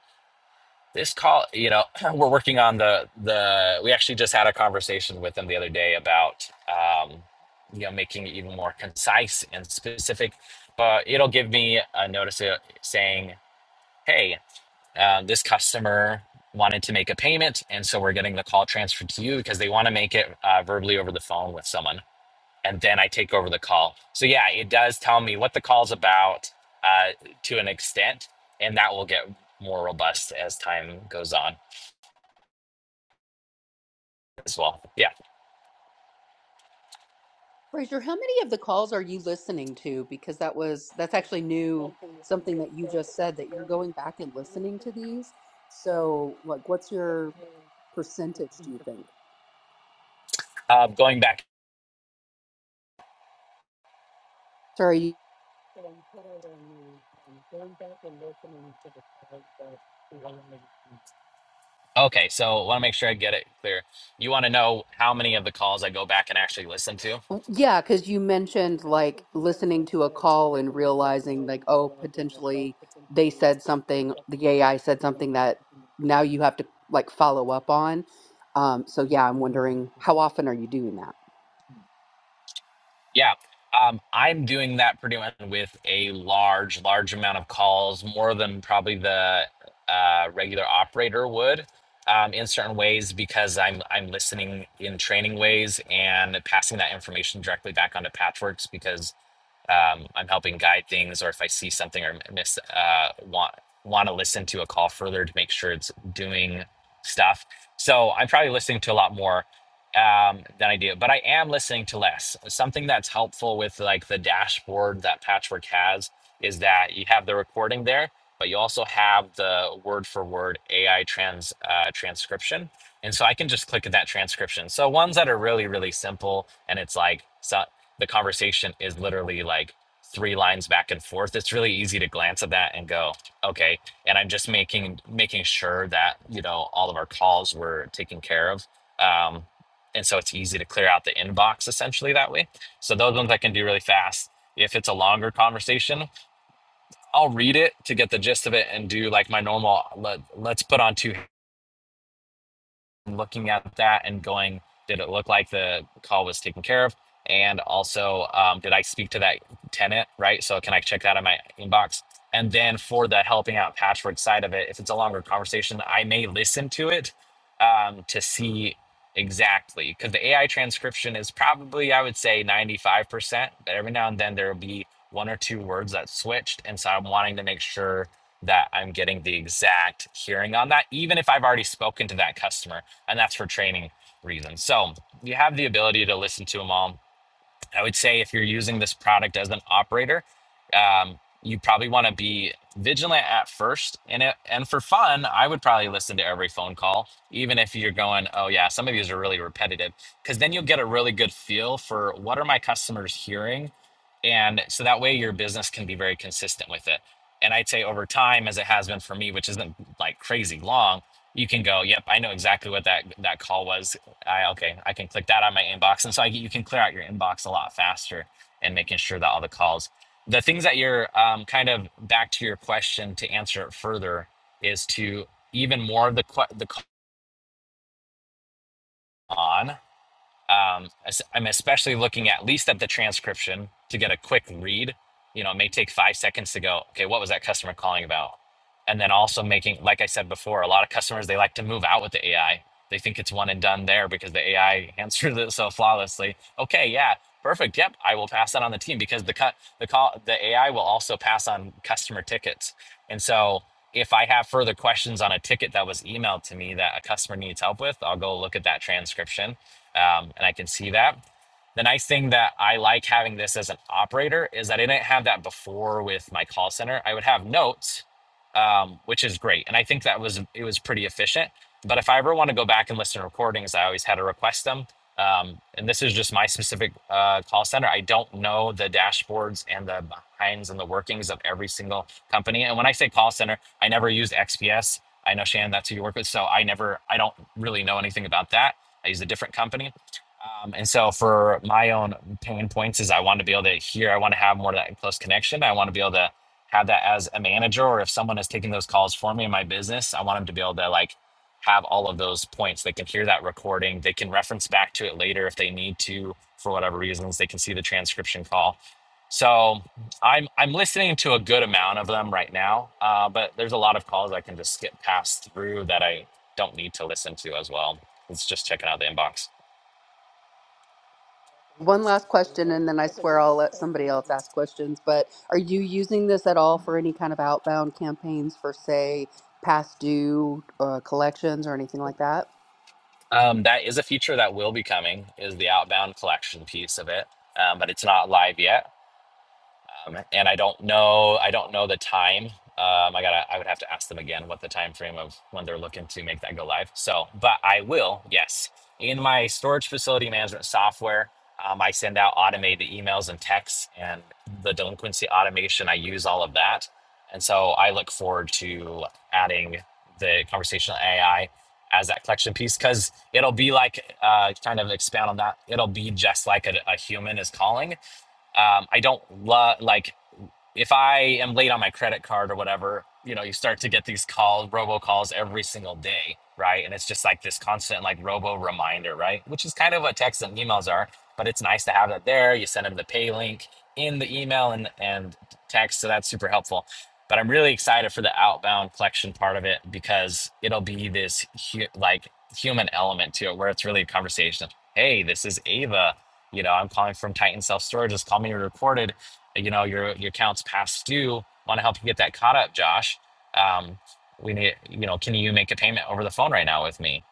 this call you know we're working on the the we actually just had a conversation with them the other day about um you know making it even more concise and specific but it'll give me a notice uh, saying hey uh, this customer wanted to make a payment and so we're getting the call transferred to you because they want to make it uh, verbally over the phone with someone and then i take over the call so yeah it does tell me what the call's about uh, to an extent and that will get more robust as time goes on as well. Yeah.
Fraser, how many of the calls are you listening to? Because that was that's actually new, something that you just said that you're going back and listening to these. So, like, what's your percentage, do you think?
Uh, going back.
Sorry. you-
Okay, so I want to make sure I get it clear. You want to know how many of the calls I go back and actually listen to?
Yeah, because you mentioned like listening to a call and realizing like, oh, potentially they said something, the AI said something that now you have to like follow up on. Um, so yeah, I'm wondering how often are you doing
Yeah. Um, I'm doing that pretty much with a large, large amount of calls, more than probably the uh, regular operator would, um, in certain ways because I'm I'm listening in training ways and passing that information directly back onto Patchworks because um, I'm helping guide things, or if I see something or miss, uh, want want to listen to a call further to make sure it's doing stuff. So I'm probably listening to a lot more um, than I do, but I am listening to less. Something that's helpful with like the dashboard that Patchwork has is that you have the recording there, but you also have the word for word AI trans uh, transcription. And so I can just click at that transcription. So ones that are really, really simple and it's like so the conversation is literally like three lines back and forth it's really easy to glance at that and go okay and i'm just making making sure that you know all of our calls were taken care of um, and so it's easy to clear out the inbox essentially that way so those ones i can do really fast if it's a longer conversation i'll read it to get the gist of it and do like my normal let, let's put on two looking at that and going, did it look like the call was taken care of? And also, um, did I speak to that tenant, right? So can I check that in my inbox? And then for the helping out patchwork side of it, if it's a longer conversation, I may listen to it um, to see exactly because the AI transcription is probably, I would say, 95%, but every now and then there will be one or two words that switched. And so I'm wanting to make sure that I'm getting the exact hearing on that, even if I've already spoken to that customer and that's for training reasons. So you have the ability to listen to them all I would say if you're using this product as an operator, um, you probably want to be vigilant at first. And it, and for fun, I would probably listen to every phone call, even if you're going, oh yeah, some of these are really repetitive, because then you'll get a really good feel for what are my customers hearing, and so that way your business can be very consistent with it. And I'd say over time, as it has been for me, which isn't like crazy long, you can go, yep, I know exactly what that that call was I okay, I can click that on my inbox, and so I, you can clear out your inbox a lot faster and making sure that all the calls, the things that you're um, kind of back to your question to answer it further is to even more of the the call on um, I'm especially looking at least at the transcription to get a quick read. You know, it may take five seconds to go, okay, what was that customer calling about? And then also making, like I said before, a lot of customers, they like to move out with the AI. They think it's one and done there because the AI answered it so flawlessly. Okay, yeah, perfect. Yep, I will pass that on the team because the cut, the call, the AI will also pass on customer tickets. And so if I have further questions on a ticket that was emailed to me that a customer needs help with, I'll go look at that transcription um, and I can see that. The nice thing that I like having this as an operator is that I didn't have that before with my call center. I would have notes, um, which is great, and I think that was it was pretty efficient. But if I ever want to go back and listen to recordings, I always had to request them. Um, and this is just my specific uh, call center. I don't know the dashboards and the behinds and the workings of every single company. And when I say call center, I never used XPS. I know Shannon, that's who you work with. So I never, I don't really know anything about that I use a different company. Um, and so for my own pain points is I want to be able to hear, I want to have more of that close connection. I want to be able to have that as a manager, or if someone is taking those calls for me in my business, I want them to be able to like have all of those points. They can hear that recording. They can reference back to it later if they need to, for whatever reasons, they can see the transcription call. So I'm, I'm listening to a good amount of them right now, uh, but there's a lot of calls I can just skip past through that I don't need to listen to as well. It's just checking out the inbox.
One last question, and then I swear I'll let somebody else ask questions. But are you using this at all for any kind of outbound campaigns for, say, past due uh, collections or anything like that?
Um, that is a feature that will be coming. Is the outbound collection piece of it, um, but it's not live yet. Um, and I don't know, I don't know the time. Um, I gotta, I would have to ask them again what the time frame of when they're looking to make that go live. So, but I will, yes, in my storage facility management software, um, I send out automated emails and texts, and the delinquency automation. I use all of that, and so I look forward to adding the conversational AI as that collection piece because it'll be like, uh, kind of expand on that. It'll be just like a, a human is calling. Um, I don't love like if I am late on my credit card or whatever, you know, you start to get these calls, robocalls every single day, right? And it's just like this constant like robo reminder, right? Which is kind of what texts and emails are, but it's nice to have that there. You send them the pay link in the email and and text, so that's super helpful. But I'm really excited for the outbound collection part of it because it'll be this hu- like human element to it, where it's really a conversation. Hey, this is Ava. You know, I'm calling from Titan Self Storage. Just call me recorded you know your your accounts past due want to help you get that caught up josh um, we need you know can you make a payment over the phone right now with me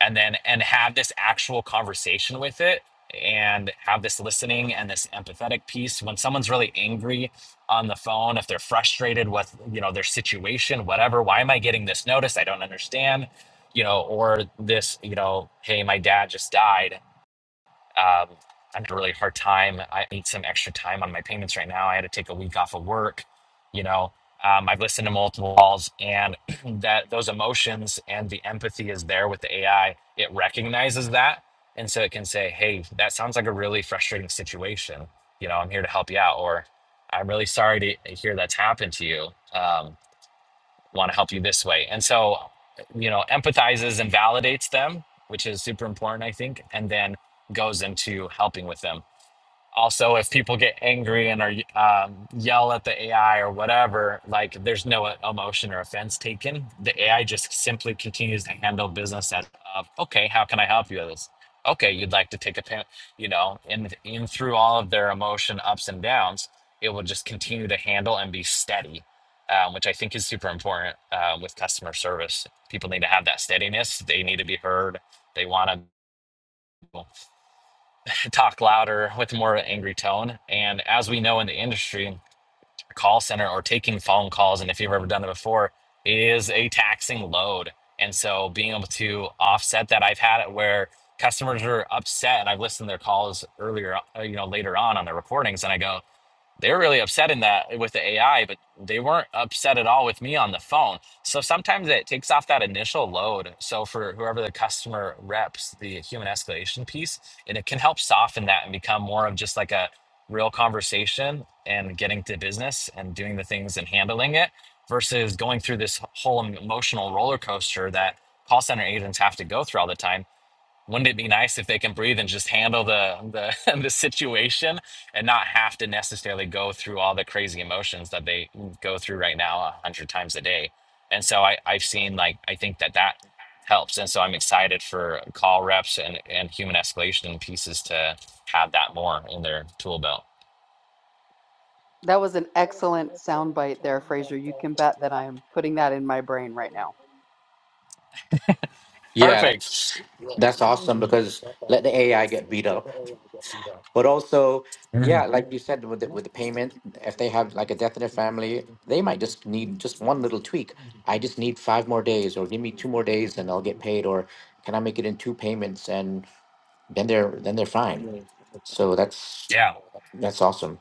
and then and have this actual conversation with it and have this listening and this empathetic piece when someone's really angry on the phone if they're frustrated with you know their situation whatever why am i getting this notice i don't understand you know or this you know hey my dad just died um, I'm having a really hard time. I need some extra time on my payments right now. I had to take a week off of work. You know, um, I've listened to multiple calls, and that those emotions and the empathy is there with the AI. It recognizes that, and so it can say, "Hey, that sounds like a really frustrating situation. You know, I'm here to help you out," or "I'm really sorry to hear that's happened to you." Um, want to help you this way. And so, you know, empathizes and validates them, which is super important, I think, and then goes into helping with them also if people get angry and are um, yell at the ai or whatever like there's no emotion or offense taken the ai just simply continues to handle business as uh, okay how can i help you with this okay you'd like to take a payment you know and in through all of their emotion ups and downs it will just continue to handle and be steady um, which i think is super important uh, with customer service people need to have that steadiness they need to be heard they want to could talk louder with more of an angry tone. And as we know in the industry, a call center or taking phone calls, and if you've ever done it before, is a taxing load. And so being able to offset that, I've had it where customers are upset and I've listened to their calls earlier, uh, you know, later on on their recordings and I go, they were really upset in that with the AI, but they weren't upset at all with me on the phone. So sometimes it takes off that initial load. So for whoever the customer reps the human escalation piece, and it can help soften that and become more of just like a real conversation and getting to business and doing the things and handling it versus going through this whole emotional roller coaster that call center agents have to go through all the time wouldn't it be nice if they can breathe and just handle the the the situation and not have to necessarily go through all the crazy emotions that they go through right now a hundred times a day? And so I I've seen like I think that that helps, and so I'm excited for call reps and and human escalation pieces to have that more in their tool belt.
That was an excellent soundbite there, Fraser. You can bet that I'm putting that in my brain right now.
Yeah,
Perfect.
that's that's awesome because let the AI get beat up, but also
Mhm.
yeah, like you said with the, with the payment, if they have like a death in their family, they might just need just one little tweak. I just need five more days, or give me two more days, and I'll get paid. Or can I make it in two payments? And then they're then they're fine. So that's
Yeah.
that's awesome.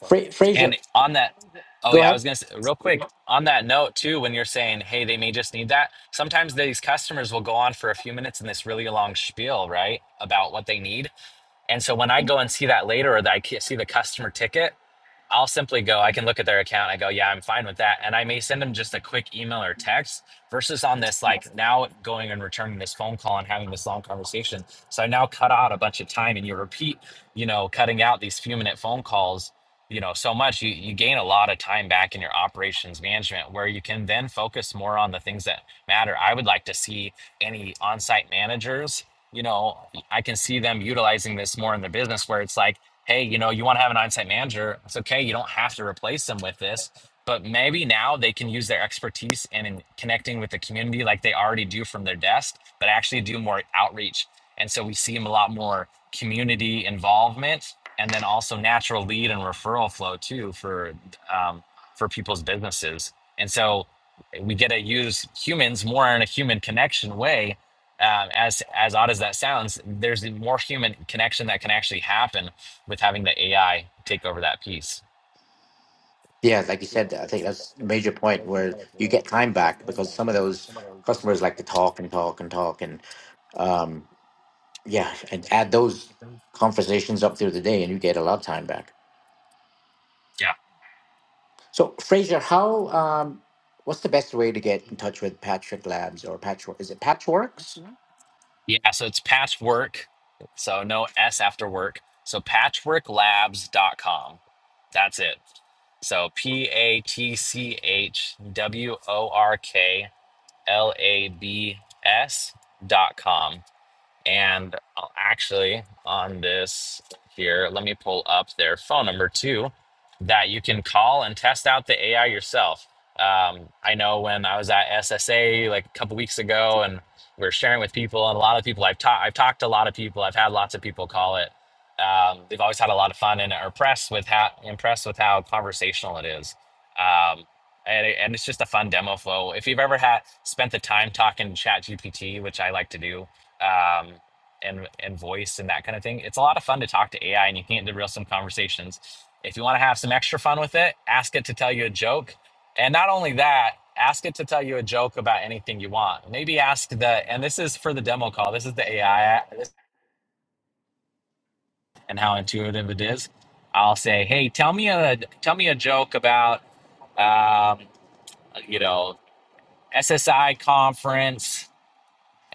Fra- Frazier,
And on that, oh
go
yeah, I
ahead.
was gonna say real quick on that note too. When you're saying, "Hey, they may just need that," sometimes these customers will go on for a few minutes in this really long spiel, right, about what they need, and so when I go and see that later or that I see the customer ticket, I'll simply go, I can look at their account. I go, yeah, I'm fine with that. And I may send them just a quick email or text versus on this, like now going and returning this phone call and having this long conversation. So I now cut out a bunch of time and you repeat, you know, cutting out these few minute phone calls, you know, so much you, you gain a lot of time back in your operations management where you can then focus more on the things that matter. I would like to see any on site managers you know I can see them utilizing this more in their business where it's like, hey, you know, you want to have an on-site manager. It's okay. You don't have to replace them with this, but maybe now they can use their expertise and in connecting with the community like they already do from their desk, but actually do more outreach. And so we see a lot more community involvement and then also natural lead and referral flow too for um, for people's businesses. And so we get to use humans more in a human connection way um, as as odd as that sounds, there's more human connection that can actually happen with having the AI take over that piece.
Yeah, like you said, I think that's a major point where you get time back because some of those customers like to talk and talk and talk and um, yeah, and add those conversations up through the day, and you get a lot of time back.
Yeah,
So, Frazier, how um, what's the best way to get in touch with Patrick Labs or Patchwork? Is it Patchworks?
yeah. So it's patchwork, so no S after work. So patchworklabs.com. That's it. So P A T C H W O R K L A B S dot com. And I'll actually on this here, let me pull up their phone number too, that you can call and test out the AI yourself. Um, I know when I was at SSA like a couple weeks ago, and we are sharing with people, and a lot of people I've taught, I've talked to a lot of people, I've had lots of people call it. Um, they've always had a lot of fun and are impressed with how impressed with how conversational it is. Um, and, it- and it's just a fun demo flow. If you've ever had spent the time talking to Chat GPT, which I like to do, um, and and voice and that kind of thing. It's a lot of fun to talk to AI, and you can get into real some conversations. If you want to have some extra fun with it, ask it to tell you a joke, and not only that, ask it to tell you a joke about anything you want. Maybe ask the and this is for the demo call. This is the AI and how intuitive it is. I'll say, hey, tell me a tell me a joke about um, you know SSI conference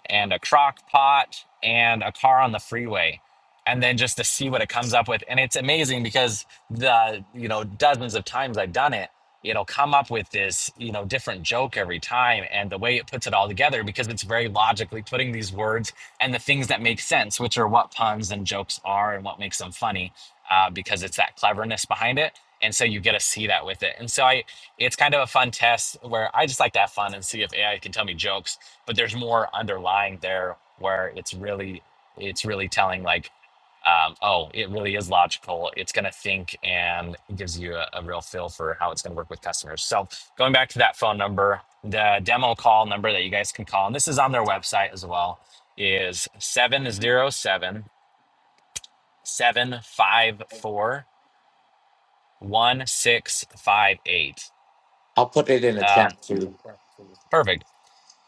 and a crock pot and a car on the freeway and then just to see what it comes up with and it's amazing because the you know dozens of times i've done it you know come up with this you know different joke every time and the way it puts it all together because it's very logically putting these words and the things that make sense which are what puns and jokes are and what makes them funny uh, because it's that cleverness behind it and so you get to see that with it and so i it's kind of a fun test where i just like to have fun and see if ai can tell me jokes but there's more underlying there where it's really it's really telling like um, oh it really is logical it's going to think and it gives you a, a real feel for how it's going to work with customers so going back to that phone number the demo call number that you guys can call and this is on their website as well is 707 754 1658.
I'll put it in the
um,
chat too.
perfect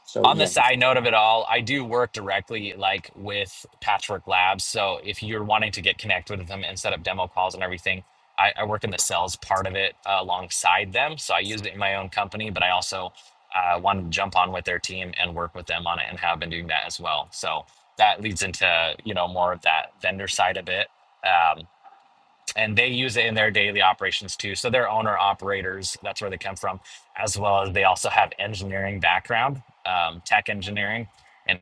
So
on the
yeah,
side note of it all, I do work directly like with Patchwork Labs. So if you're wanting to get connected with them and set up demo calls and everything, I, I work in the sales part of it uh, alongside them. So I use it in my own company, but I also uh, want to jump on with their team and work with them on it and have been doing that as well. So that leads into you know more of that vendor side a bit. Um, and they use it in their daily operations too. So they're owner operators. That's where they come from, as well as they also have engineering background, um, tech engineering, and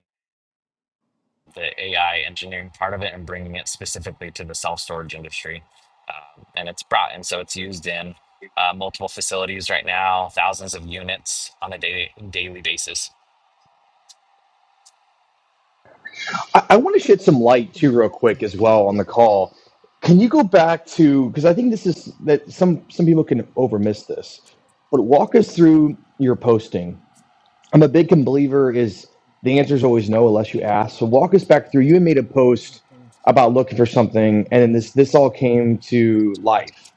the AI engineering part of it, and bringing it specifically to the self storage industry. Um, and it's brought, and so it's used in uh, multiple facilities right now, thousands of units on a daily daily basis.
I, I want to shed some light too, real quick, as well on the call. Can you go back to because I think this is that some some people can overmiss this, but walk us through your posting. I'm a big believer is the answer is always no unless you ask. So walk us back through. You had made a post about looking for something, and then this this all came to life.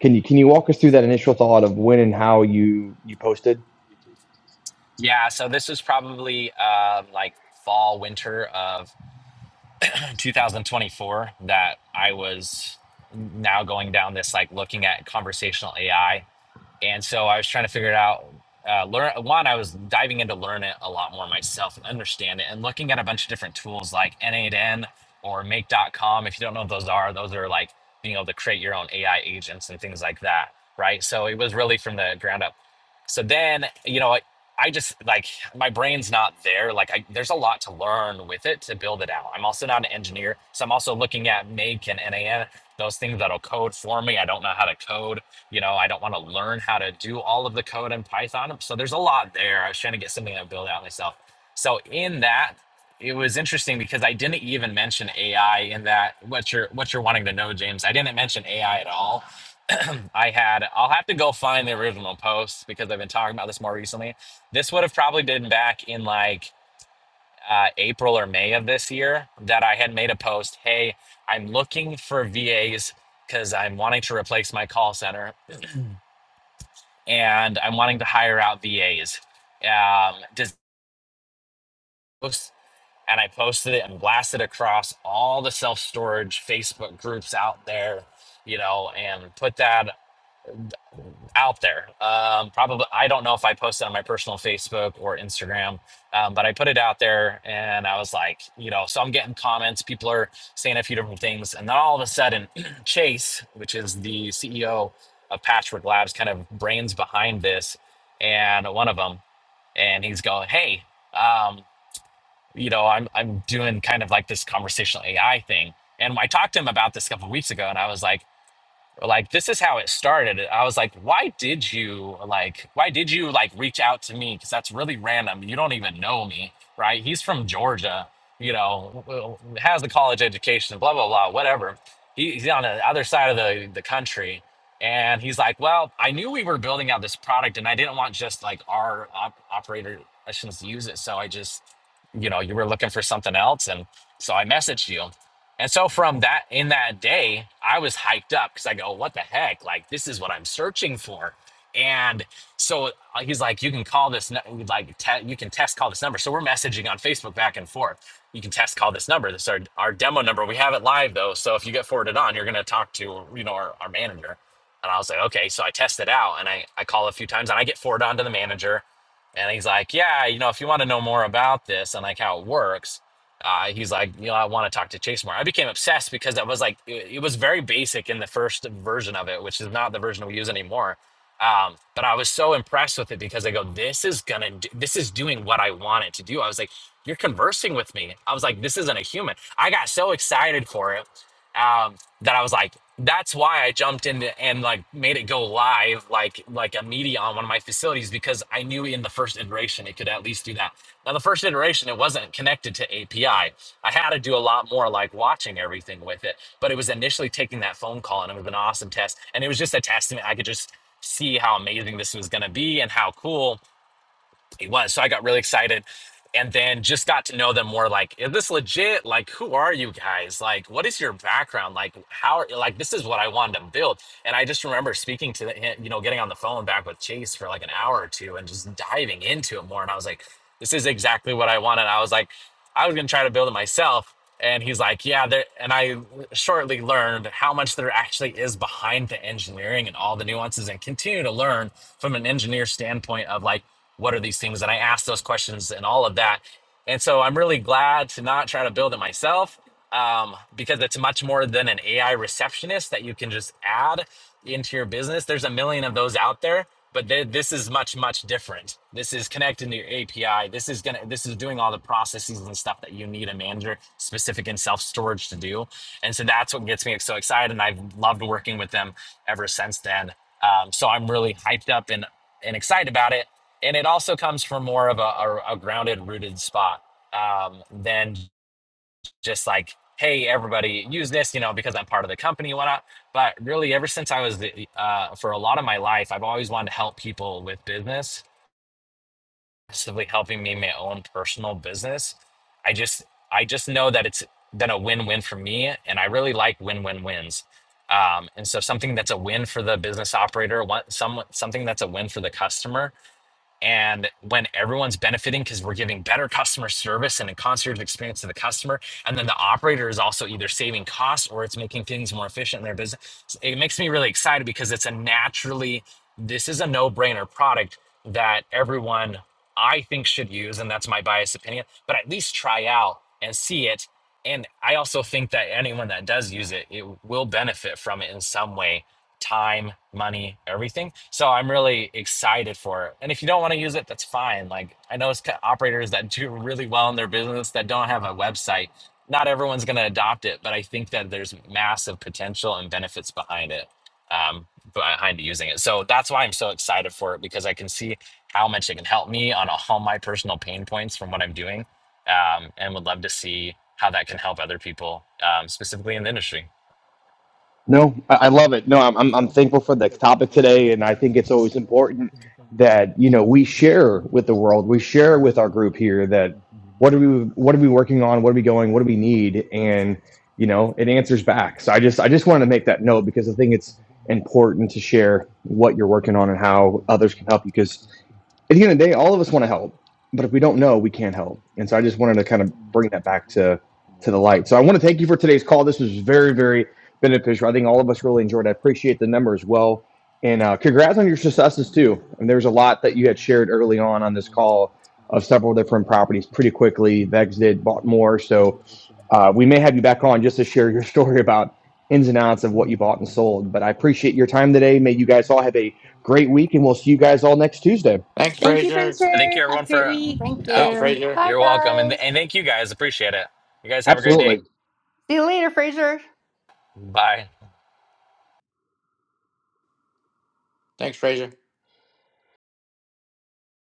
Can you can you walk us through that initial thought of when and how you you posted?
Yeah. So this was probably um like fall winter of 2024 that I was now going down this like looking at conversational AI and so I was trying to figure it out. Uh, learn one, I was diving into learn it a lot more myself and understand it, and looking at a bunch of different tools like N8N or Make.com. If you don't know what those are, those are like being able to create your own AI agents and things like that, right? So it was really from the ground up. So then, you know, I, I just like my brain's not there. Like, I, there's a lot to learn with it to build it out. I'm also not an engineer, so I'm also looking at Make and NAN, those things that'll code for me. I don't know how to code you know i don't want to learn how to do all of the code in python so there's a lot there i was trying to get something i build out myself so in that it was interesting because i didn't even mention ai in that what you're what you're wanting to know james i didn't mention ai at all i had i'll have to go find the original post because i've been talking about this more recently this would have probably been back in like uh, april or may of this year that i had made a post hey i'm looking for vas because i'm wanting to replace my call center and I'm wanting to hire out VAs. Um, does and I posted it and blasted across all the self storage Facebook groups out there, you know, and put that out there. Um, probably, I don't know if I posted on my personal Facebook or Instagram, um, but I put it out there and I was like, you know, so I'm getting comments. People are saying a few different things. And then all of a sudden, Chase, which is the CEO of Patchwork Labs, kind of brains behind this. And one of them and he's going, "Hey, um, you know, I'm I'm doing kind of like this conversational AI thing." And I talked to him about this a couple of weeks ago, and I was like like this is how it started i was like why did you like why did you like reach out to me because that's really random you don't even know me right he's from georgia you know has the college education blah blah blah whatever He- he's on the other side of the, the country and he's like well i knew we were building out this product and i didn't want just like our op- operator sessions to use it so i just you know you were looking for something else and so i messaged you and so from that in that day, I was hyped up because I go, what the heck? Like this is what I'm searching for. And so uh, he's like, you can call this nu- like te- you can test call this number. So we're messaging on Facebook back and forth. You can test call this number. This is our, our demo number. We have it live though. So if you get forwarded on, you're gonna talk to you know our, our manager. And I was like, okay. So I test it out and I, I call a few times and I get forwarded on to the manager. And he's like, yeah, you know, if you want to know more about this and like how it works, uh, he's like, you know, I want to talk to Chase more. I became obsessed because I was like, it, it was very basic in the first version of it, which is not the version we use anymore. Um, but I was so impressed with it because I go, this is gonna, do, this is doing what I want it to do. I was like, you're conversing with me. I was like, this isn't a human. I got so excited for it um, that I was like, that's why I jumped in and like made it go live, like like a media on one of my facilities because I knew in the first iteration it could at least do that. Now the first iteration it wasn't connected to API. I I had to do a lot more like watching everything with it, but it was initially taking that phone call and it was an awesome test, and it was just a testament. I could just see how amazing this was going to be and how cool he was. So I got really excited and then just got to know them more like, is this legit? Like, who are you guys? Like, what is your background? Like, how like this is what I wanted to build. And I just remember speaking to him, you know, getting on the phone back with Chase for like an hour or two and just diving into it more. And I was like, this is exactly what I wanted. I was like, I was gonna try to build it myself. And he's like, yeah, there and I shortly learned how much there actually is behind the engineering and all the nuances and continue to learn from an engineer standpoint of like what are these things and i asked those questions and all of that and so i'm really glad to not try to build it myself um, because it's much more than an ai receptionist that you can just add into your business there's a million of those out there but th- this is much much different this is connecting to your api this is gonna this is doing all the processes and stuff that you need a manager specific in self storage to do and so that's what gets me so excited and i've loved working with them ever since then um, so i'm really hyped up and and excited about it and it also comes from more of a, a, a grounded rooted spot um, than just like hey everybody use this you know because i'm part of the company and whatnot but really ever since i was the, uh, for a lot of my life i've always wanted to help people with business specifically helping me in my own personal business i just i just know that it's been a win-win for me and i really like win-win-wins um, and so something that's a win for the business operator one, some, something that's a win for the customer and when everyone's benefiting because we're giving better customer service and a concierge experience to the customer and then the operator is also either saving costs or it's making things more efficient in their business it makes me really excited because it's a naturally this is a no-brainer product that everyone i think should use and that's my biased opinion but at least try out and see it and i also think that anyone that does use it it will benefit from it in some way time, money, everything. So I'm really excited for it. And if you don't want to use it, that's fine. Like I know it's ca- operators that do really well in their business that don't have a website. Not everyone's going to adopt it, but I think that there's massive potential and benefits behind it, um, behind using it. So that's why I'm so excited for it because I can see how much it can help me on all my personal pain points from what I'm doing, um, and would love to see how that can help other people, um, specifically in the industry.
No, I I love it. No, I'm I'm I'm thankful for the topic today, and I think it's always important that you know we share with the world, we share with our group here that what are we what are we working on, what are we going, what do we need, and you know it answers back. So I just I just wanted to make that note because I think it's important to share what you're working on and how others can help you. Because at the end of the day, all of us want to help, but if we don't know, we can't help. And so I just wanted to kind of bring that back to to the light. So I want to thank you for today's call. This was very, very beneficial. I think all of us really enjoyed. it. I appreciate the number as well, and uh, congrats on your successes too. And there's a lot that you had shared early on on this call of several different properties pretty quickly. Vex did bought more, so uh, we may have you back on just to share your story about ins and outs of what you bought and sold. But I appreciate your time today. May you guys all have a great week, and we'll see you guys all next Tuesday.
thanks,
Thank you,
Frazier.
Yeah, thank
Furniture.
you
Have a
everyone
great
for.
week.
Thank
Thank you,
Oh,
you.
Frazier.
Bye,
you're welcome, and
guys.
and thank you guys. Appreciate it. You guys have a great day.
Absolutely.
See you later, Fraser.
Bye.
Thanks, Frazier.